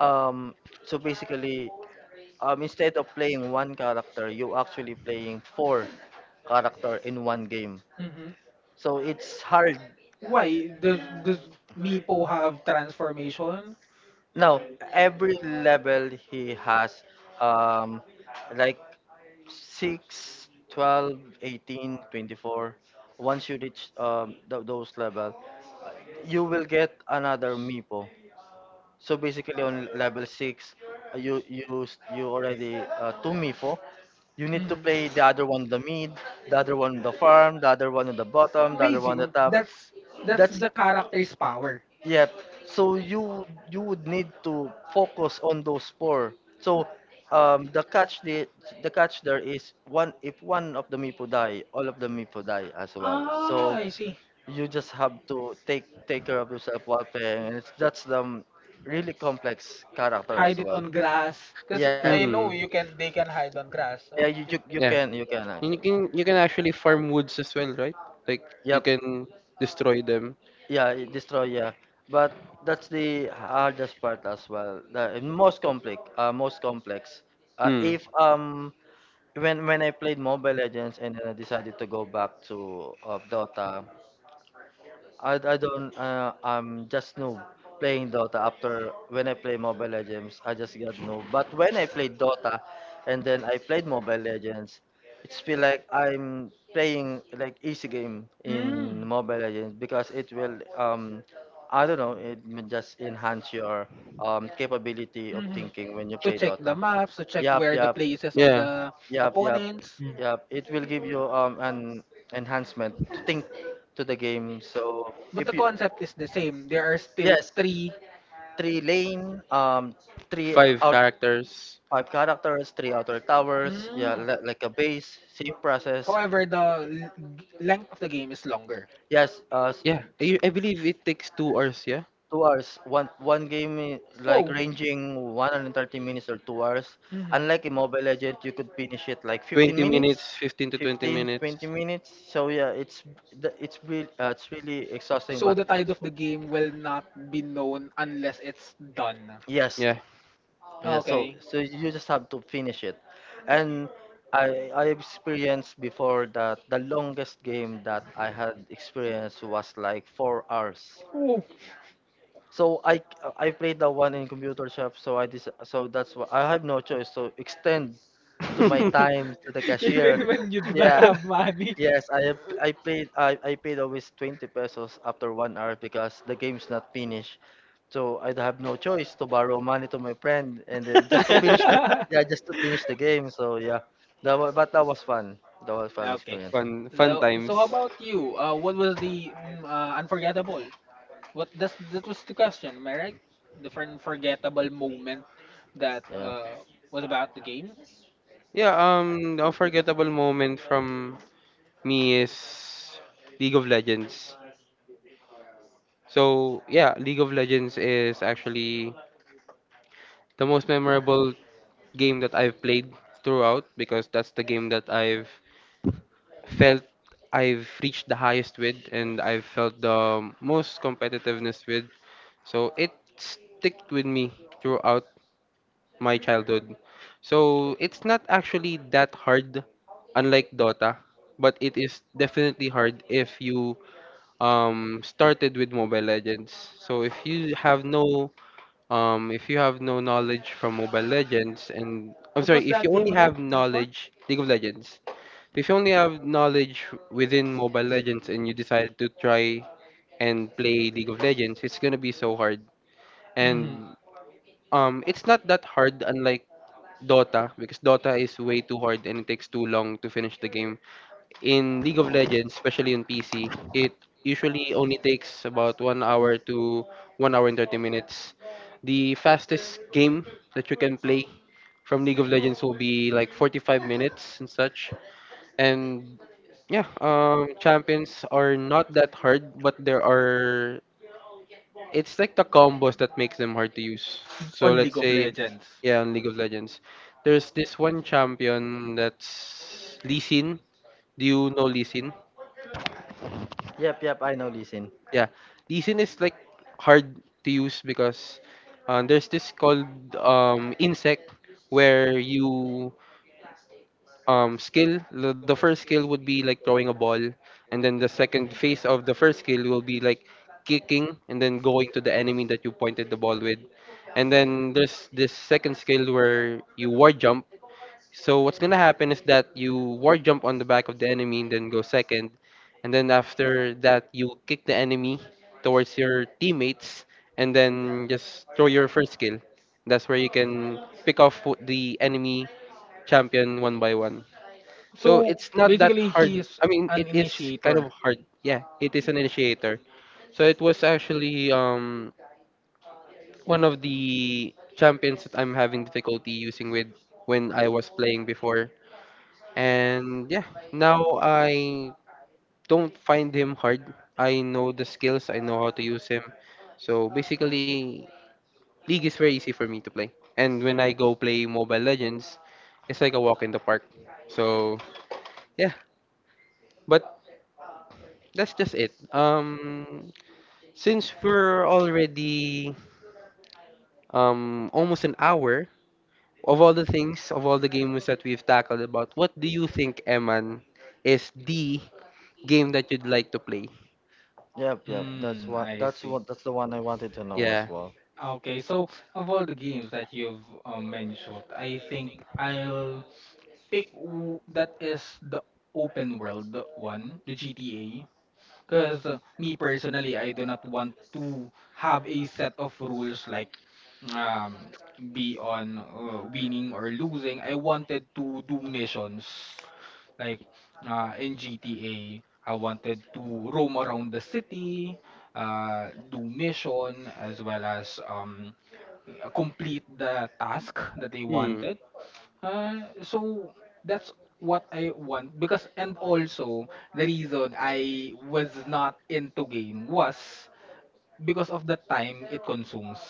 [SPEAKER 2] Um so basically, instead of playing one character, you actually playing four character in one game.
[SPEAKER 1] Mm-hmm.
[SPEAKER 2] So it's hard.
[SPEAKER 1] Why does Meepo have transformation?
[SPEAKER 2] Now every level he has, um like 6, 12, 18, 24. Once you reach, those level, you will get another Mipo. So basically on level 6, you already, two Mipo. You need
[SPEAKER 1] Mm-hmm.
[SPEAKER 2] to play the other one on the mid, the other one on the farm, the other one on the bottom, the other one on the
[SPEAKER 1] Amazing.
[SPEAKER 2] top.
[SPEAKER 1] That's
[SPEAKER 2] That's,
[SPEAKER 1] the character's power.
[SPEAKER 2] yeah. So, you would need to focus on those four. So, the catch, the catch there is one: if one of the Mipo die, all of the Mipo die as well.
[SPEAKER 1] Ah,
[SPEAKER 2] So
[SPEAKER 1] I see.
[SPEAKER 2] you just have to take care of yourself while playing and that's the really complex character as
[SPEAKER 1] Hide it
[SPEAKER 2] well.
[SPEAKER 1] on grass, because
[SPEAKER 2] Yes.
[SPEAKER 1] I know you
[SPEAKER 3] mm.
[SPEAKER 1] can. They can hide on grass.
[SPEAKER 2] Yeah, you
[SPEAKER 3] Yeah.
[SPEAKER 2] can you can
[SPEAKER 3] And you
[SPEAKER 2] actually.
[SPEAKER 3] can you can actually farm woods as well, right? Like you
[SPEAKER 2] Yep.
[SPEAKER 3] can destroy them.
[SPEAKER 2] Yeah, it destroy, yeah, but that's the hardest part as well, the most complex, most complex.
[SPEAKER 3] Mm.
[SPEAKER 2] If When I played Mobile Legends and then I decided to go back to Dota, I don't, I'm just noob playing Dota. After when I play Mobile Legends I just got noob, but when I played Dota and then I played Mobile Legends, it's feel like I'm playing like easy game. Mm. In
[SPEAKER 1] Mm,
[SPEAKER 2] Mobile Legends because it will I don't know, it may just enhance your capability of
[SPEAKER 1] hmm
[SPEAKER 2] thinking when you
[SPEAKER 1] To
[SPEAKER 2] play
[SPEAKER 1] check the
[SPEAKER 2] Dota.
[SPEAKER 1] maps, to check
[SPEAKER 2] Yep,
[SPEAKER 1] where the
[SPEAKER 2] yep.
[SPEAKER 1] places of
[SPEAKER 3] Yeah.
[SPEAKER 1] the
[SPEAKER 2] Yep, yep,
[SPEAKER 1] opponents.
[SPEAKER 2] yep. It will give you an enhancement to think to the game. So
[SPEAKER 1] But
[SPEAKER 2] if
[SPEAKER 1] the
[SPEAKER 2] you,
[SPEAKER 1] concept is the same. There are still
[SPEAKER 2] yes,
[SPEAKER 1] three.
[SPEAKER 2] three lane, three
[SPEAKER 3] Five
[SPEAKER 2] out
[SPEAKER 3] characters.
[SPEAKER 2] five characters, three outer towers. Yeah,
[SPEAKER 1] Mm.
[SPEAKER 2] like a base, same process.
[SPEAKER 1] However, the length of the game is longer.
[SPEAKER 2] Yes,
[SPEAKER 3] Yeah.
[SPEAKER 2] s-
[SPEAKER 3] I believe it takes 2 hours, yeah?
[SPEAKER 2] 2 hours. One game, like
[SPEAKER 1] Oh.
[SPEAKER 2] ranging 130 minutes or 2 hours.
[SPEAKER 1] hmm
[SPEAKER 2] Unlike in Mobile Legend, you could finish it like 15
[SPEAKER 3] Twenty
[SPEAKER 2] minutes.
[SPEAKER 3] minutes, 15 to twenty
[SPEAKER 2] 15,
[SPEAKER 3] minutes.
[SPEAKER 2] 20 minutes, so yeah it's, it's really, it's really exhausting
[SPEAKER 1] So
[SPEAKER 2] but
[SPEAKER 1] the tide of the game will not be known unless it's done.
[SPEAKER 2] yes.
[SPEAKER 3] Yeah.
[SPEAKER 2] Yeah, so
[SPEAKER 1] Okay.
[SPEAKER 2] so you just have to finish it, and I experienced before that the longest game that I had experienced was like 4 hours.
[SPEAKER 1] Ooh,
[SPEAKER 2] So I played the one in computer shop, so I so that's why I have no choice to extend to my time to the cashier.
[SPEAKER 1] even when you do not
[SPEAKER 2] Yeah.
[SPEAKER 1] have money.
[SPEAKER 2] Yes, I paid, I paid always 20 pesos after 1 hour because the game's not finished. So I'd have no choice to borrow money to my friend and then just to finish the yeah, just to finish the game. So yeah. But that was fun. That was fun
[SPEAKER 1] Okay.
[SPEAKER 2] experience.
[SPEAKER 3] Fun fun
[SPEAKER 1] So,
[SPEAKER 3] times.
[SPEAKER 1] so how about you? What was the mm, unforgettable? What that's that was the question, am I right? The unforgettable moment that
[SPEAKER 2] Yep.
[SPEAKER 1] was about the game.
[SPEAKER 3] Yeah, the unforgettable moment from me is League of Legends. So yeah, League of Legends is actually the most memorable game that I've played throughout because that's the game that I've felt I've reached the highest with, and I've felt the most competitiveness with. So it sticked with me throughout my childhood. So it's not actually that hard, unlike Dota, but it is definitely hard if you started with Mobile Legends. So if you have no knowledge from Mobile Legends, and I'm
[SPEAKER 1] What was
[SPEAKER 3] sorry, if
[SPEAKER 1] that
[SPEAKER 3] you only
[SPEAKER 1] game again?
[SPEAKER 3] have knowledge League of Legends. If you only have knowledge within Mobile Legends and you decide to try and play League of Legends, it's gonna be so hard.
[SPEAKER 1] Mm-hmm.
[SPEAKER 3] And it's not that hard, unlike Dota, because Dota is way too hard and it takes too long to finish the game. In League of Legends, especially on PC, it usually only takes about 1 hour to 1 hour and 30 minutes. The fastest game that you can play from League of Legends will be like 45 minutes and such. And yeah, champions are not that hard, but there are, it's like the combos that makes them hard to use. So
[SPEAKER 1] On League
[SPEAKER 3] let's
[SPEAKER 1] of
[SPEAKER 3] say,
[SPEAKER 1] Legends.
[SPEAKER 3] yeah, on League of Legends, there's this one champion that's Lee Sin. Do you know Lee Sin?
[SPEAKER 2] Yep, yep, I know Listen.
[SPEAKER 3] Yeah, Lee Sin is like hard to use because there's this called insect, where you skill, the first skill would be like throwing a ball, and then the second phase of the first skill will be like kicking and then going to the enemy that you pointed the ball with. And then there's this second skill where you war jump, so what's going to happen is that you war jump on the back of the enemy and then go second, and then after that you kick the enemy towards your teammates, and then just throw your first skill. That's where you can pick off the enemy champion one by one. So
[SPEAKER 1] So
[SPEAKER 3] it's not that
[SPEAKER 1] basically,
[SPEAKER 3] hard.
[SPEAKER 1] he's
[SPEAKER 3] I mean, it
[SPEAKER 1] an
[SPEAKER 3] is kind of
[SPEAKER 1] initiator.
[SPEAKER 3] hard. Yeah, it is an initiator. So it was actually one of the champions that I'm having difficulty using with when I was playing before. And yeah, now I don't find him hard. I know the skills, I know how to use him. So basically, League is very easy for me to play. And when I go play Mobile Legends, it's like a walk in the park. So yeah. but. That's just it. Since we're already almost an hour of all the things of all the games that we've tackled about, what do you think, Eman, is the game that you'd like to play?
[SPEAKER 2] Yep, yep. That's
[SPEAKER 1] Mm,
[SPEAKER 2] what
[SPEAKER 1] I
[SPEAKER 2] that's
[SPEAKER 1] see.
[SPEAKER 2] what that's the one I wanted to know
[SPEAKER 3] Yeah.
[SPEAKER 2] as well.
[SPEAKER 1] Okay, so of all the games that you've mentioned, I think I'll pick that is the open world one, the GTA. Because me personally, I do not want to have a set of rules like um, be on winning or losing. I wanted to do missions like in GTA. I wanted to roam around the city, do mission as well as complete the task that they
[SPEAKER 3] Mm.
[SPEAKER 1] wanted. So that's what I want because and also the reason I was not into game was because of the time it consumes.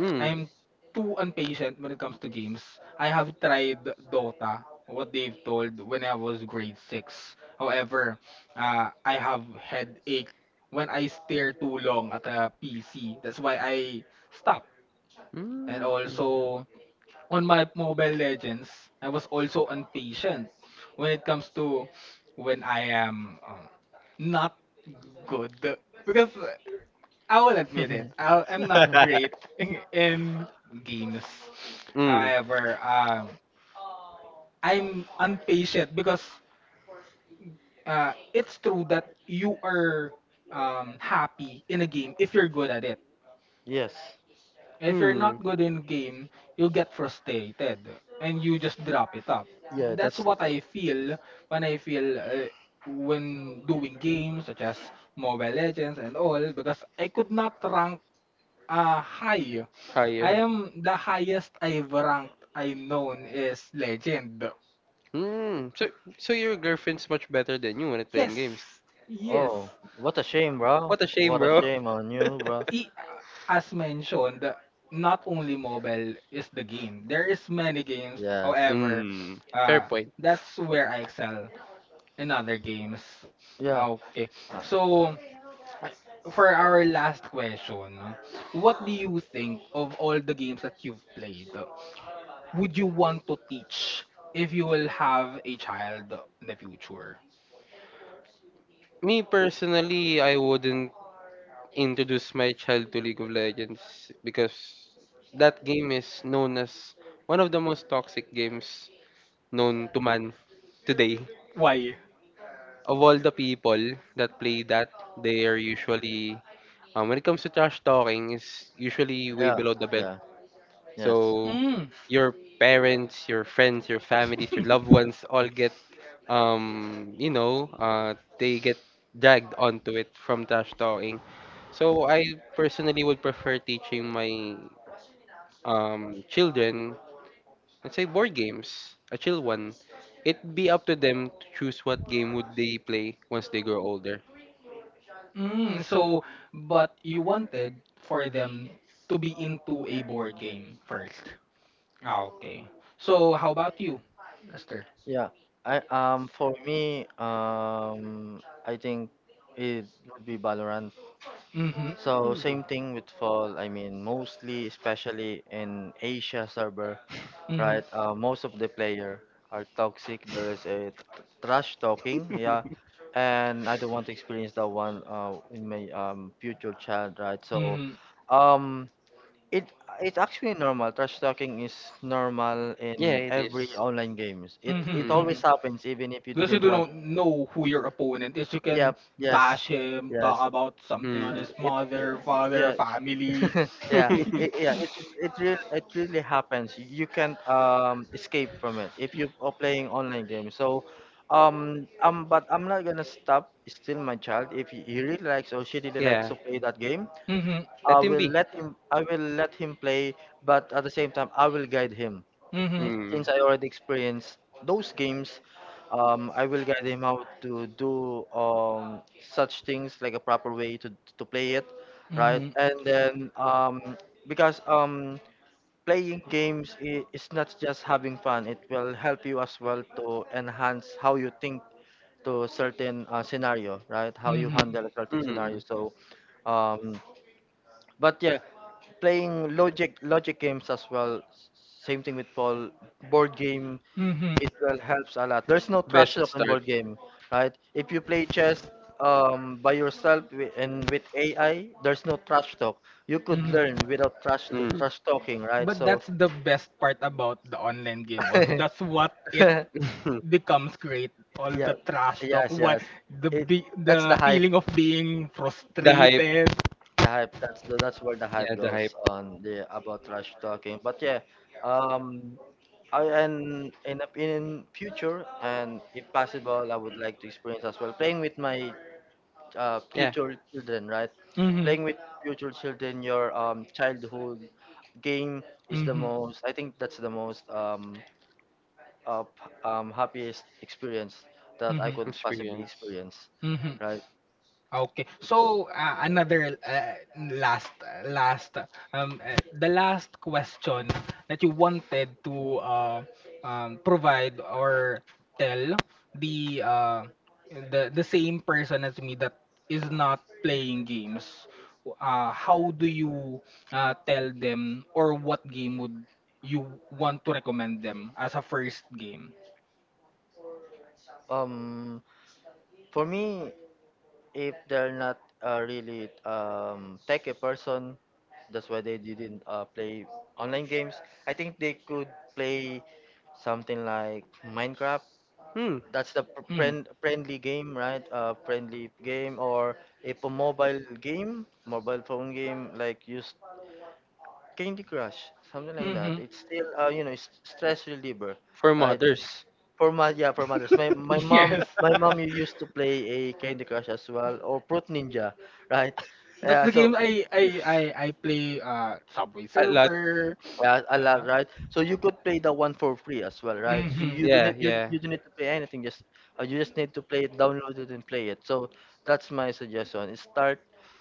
[SPEAKER 3] Mm.
[SPEAKER 1] I'm too impatient when it comes to games. I have tried Dota, what they've told when I was grade 6. However, I have headache when I stare too long at a PC. That's why I stopped. And
[SPEAKER 3] Mm.
[SPEAKER 1] also on my Mobile Legends, I was also impatient when it comes to when I am not good because I will admit it, I'm not great in games.
[SPEAKER 3] Mm.
[SPEAKER 1] However, I'm impatient because it's true that you are happy in a game if you're good at it.
[SPEAKER 2] Yes.
[SPEAKER 1] If you're
[SPEAKER 3] Mm.
[SPEAKER 1] not good in game, you get frustrated and you just drop it up.
[SPEAKER 2] Yeah,
[SPEAKER 1] That's
[SPEAKER 2] that's.
[SPEAKER 1] what I feel when doing games such as Mobile Legends and all because I could not rank high. I
[SPEAKER 3] Higher.
[SPEAKER 1] am the highest I've ranked I known is legend.
[SPEAKER 3] Hmm. So your girlfriend's much better than you when it playing
[SPEAKER 1] Yes.
[SPEAKER 3] games.
[SPEAKER 1] Yes.
[SPEAKER 2] Oh, what a shame, bro.
[SPEAKER 3] What a shame,
[SPEAKER 2] What a
[SPEAKER 3] bro.
[SPEAKER 2] shame on you, bro.
[SPEAKER 1] I- As mentioned, not only mobile is the game. There is many games.
[SPEAKER 2] Yes.
[SPEAKER 1] However,
[SPEAKER 3] Hmm. Fair
[SPEAKER 1] uh,
[SPEAKER 3] point.
[SPEAKER 1] that's where I excel. In other games.
[SPEAKER 2] Yeah.
[SPEAKER 1] Okay.
[SPEAKER 2] Uh,
[SPEAKER 1] So uh, for our last question, no, what do you think of all the games that you've played? Would you want to teach if you will have a child in the future?
[SPEAKER 3] Me personally, I wouldn't introduce my child to League of Legends because that game is known as one of the most toxic games known to man today.
[SPEAKER 1] Why?
[SPEAKER 3] Of all the people that play that, they are usually, when it comes to trash talking, is usually way
[SPEAKER 2] yeah.
[SPEAKER 3] below the belt.
[SPEAKER 2] Yeah. Yes.
[SPEAKER 3] So
[SPEAKER 1] Mm,
[SPEAKER 3] your parents, your friends, your families, your loved ones all get you know they get dragged onto it from trash talking. So I personally would prefer teaching my children let's say board games, a chill one. It'd be up to them to choose what game would they play once they grow older.
[SPEAKER 1] mm, so but you wanted for them to be into a board game first. Ah, okay. So how about you, Lester?
[SPEAKER 2] Yeah. I, for me, I think it would be Valorant.
[SPEAKER 1] Mm-hmm.
[SPEAKER 2] So
[SPEAKER 3] Mhm.
[SPEAKER 2] same thing with Fall. I mean, mostly especially in Asia server,
[SPEAKER 1] Mm-hmm.
[SPEAKER 2] right? Most of the player are toxic. There is a trash talking, yeah, and I don't want to experience that one in my future child, right? So,
[SPEAKER 1] Mhm,
[SPEAKER 2] um, it, it's actually normal. Trash talking is normal
[SPEAKER 3] Yeah,
[SPEAKER 2] in
[SPEAKER 3] it
[SPEAKER 2] every
[SPEAKER 3] is.
[SPEAKER 2] online games. It
[SPEAKER 1] mhm,
[SPEAKER 2] it
[SPEAKER 3] Mm.
[SPEAKER 1] mhm.
[SPEAKER 2] always happens, even if you
[SPEAKER 1] Because you
[SPEAKER 2] didn't
[SPEAKER 1] do
[SPEAKER 2] want.
[SPEAKER 1] not know who your opponent is, you can
[SPEAKER 2] Yep. Yes.
[SPEAKER 1] bash him,
[SPEAKER 2] Yes.
[SPEAKER 1] talk about something on
[SPEAKER 3] Hmm.
[SPEAKER 1] his
[SPEAKER 2] it uh,
[SPEAKER 1] mother, father,
[SPEAKER 2] yeah
[SPEAKER 1] family.
[SPEAKER 2] yeah yeah it really, it really happens. You can't escape from it if you are playing online games. So but I'm not gonna stop. It's still my child, if he really likes or she really likes
[SPEAKER 3] Yeah.
[SPEAKER 2] to play that game,
[SPEAKER 1] Mhm,
[SPEAKER 3] Let him be.
[SPEAKER 2] I will let him play, but at the same time I will guide him,
[SPEAKER 1] mhm,
[SPEAKER 3] Mm.
[SPEAKER 2] since I already experienced those games. I will guide him how to do, such things like a proper way to play it, right?
[SPEAKER 1] mhm,
[SPEAKER 2] And then, because playing games is not just having fun; it will help you as well to enhance how you think to a certain, scenario, right? How you
[SPEAKER 1] mhm,
[SPEAKER 2] handle a certain scenario.
[SPEAKER 3] Mm.
[SPEAKER 2] So. Um, but yeah, playing logic games as well. Same thing with Paul. Board game,
[SPEAKER 1] mhm,
[SPEAKER 2] it will helps a lot. There's no trash
[SPEAKER 3] Best
[SPEAKER 2] talk in
[SPEAKER 3] start.
[SPEAKER 2] board game, right? If you play chess by yourself and with AI, there's no trash talk. You could
[SPEAKER 1] mhm.
[SPEAKER 2] learn without
[SPEAKER 3] Mm.
[SPEAKER 2] trash talking, right?
[SPEAKER 1] But
[SPEAKER 2] So
[SPEAKER 1] that's the best part about the online game also. That's what it becomes great. All
[SPEAKER 2] yeah,
[SPEAKER 1] the trash talk,
[SPEAKER 2] yes, yes. It, that's the
[SPEAKER 1] the
[SPEAKER 2] hype.
[SPEAKER 1] feeling of being
[SPEAKER 3] The
[SPEAKER 1] frustrated.
[SPEAKER 3] hype.
[SPEAKER 2] The hype, that's where the hype
[SPEAKER 3] Yeah, the
[SPEAKER 2] goes
[SPEAKER 3] hype.
[SPEAKER 2] on, the about trash talking, but yeah. um I, and in the, in future and if possible I would like to experience as well playing with my,
[SPEAKER 3] Yeah.
[SPEAKER 2] future children, right?
[SPEAKER 1] Mhm.
[SPEAKER 2] Playing with future children, your childhood game, is the
[SPEAKER 1] Mhm.
[SPEAKER 2] most, I think that's the most, uh, happiest experience that I
[SPEAKER 1] Mhm.
[SPEAKER 2] could possibly
[SPEAKER 3] Experience.
[SPEAKER 2] experience,
[SPEAKER 1] Mhm.
[SPEAKER 2] right?
[SPEAKER 1] Okay. So another last the last question that you wanted to uh, provide or tell the the same person as me that is not playing games. How do you tell them or what game would you want to recommend them as a first game?
[SPEAKER 2] um for me, if they're not, really techy person, that's why they didn't, play online games. I think they could play something like Minecraft.
[SPEAKER 3] Hmm.
[SPEAKER 2] That's the
[SPEAKER 1] Mm.
[SPEAKER 2] friendly game, right? Friendly game or if a mobile game, mobile phone game, like use Candy Crush, something like
[SPEAKER 1] Mm-hmm.
[SPEAKER 2] that. It's still, you know, it's stress reliever,
[SPEAKER 3] For
[SPEAKER 2] right?
[SPEAKER 3] mothers.
[SPEAKER 2] For mo yeah, for mothers. My
[SPEAKER 1] Yes.
[SPEAKER 2] my mom You used to play a Candy Crush as well or Fruit Ninja, right?
[SPEAKER 1] That's
[SPEAKER 2] Yeah,
[SPEAKER 1] the
[SPEAKER 2] so
[SPEAKER 1] game I play Subway
[SPEAKER 3] A lot.
[SPEAKER 1] Surfer.
[SPEAKER 2] yeah, a lot,
[SPEAKER 1] Yeah.
[SPEAKER 2] right? So you could play the one for free as well, right? So
[SPEAKER 1] Mhm.
[SPEAKER 2] you don't
[SPEAKER 3] Yeah,
[SPEAKER 2] need you,
[SPEAKER 3] yeah,
[SPEAKER 2] you don't need to pay anything. Just, you just need to play it, download it, and play it. So that's my suggestion. Is start,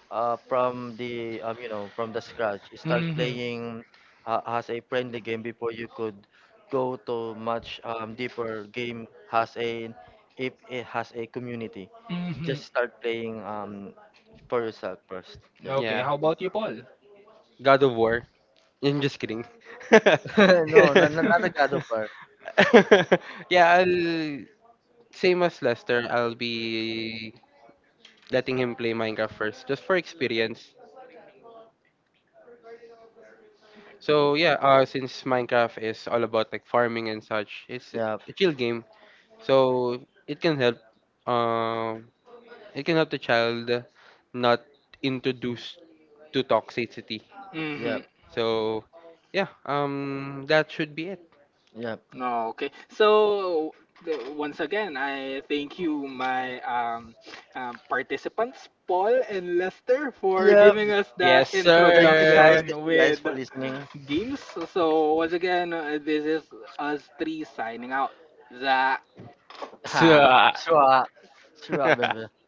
[SPEAKER 2] from the, you know, from the scratch. Start
[SPEAKER 1] Mhm.
[SPEAKER 2] playing, as a friendly game before you could go to much, deeper game, has a, if it has a community.
[SPEAKER 1] Mhm.
[SPEAKER 2] Just start playing for yourself first. Yeah.
[SPEAKER 1] Okay,
[SPEAKER 3] yeah.
[SPEAKER 1] how about you, Paul?
[SPEAKER 3] God of War. I'm just kidding.
[SPEAKER 2] No, not, not not a God of War.
[SPEAKER 3] Yeah, I'll same as Lester. I'll be letting him play Minecraft first, just for experience. So yeah, since Minecraft is all about like farming and such, it's
[SPEAKER 2] Yeah,
[SPEAKER 3] a chill game. So it can help um it can help the child not introduced to toxicity.
[SPEAKER 2] yeah,
[SPEAKER 1] Mm-hmm.
[SPEAKER 3] So yeah, that should be it.
[SPEAKER 2] yeah.
[SPEAKER 1] Okay. So the- once again, I thank you, my participants, Paul and Lester, for
[SPEAKER 2] Yeah.
[SPEAKER 1] giving us that
[SPEAKER 3] Yes,
[SPEAKER 2] Thank you
[SPEAKER 1] introduction
[SPEAKER 2] guys.
[SPEAKER 3] sir.
[SPEAKER 2] Thank you guys
[SPEAKER 1] with
[SPEAKER 2] for listening.
[SPEAKER 1] James. So once again, this is us three signing out. Zach.
[SPEAKER 2] Ha.
[SPEAKER 3] Tsa.
[SPEAKER 2] Sure. Sure,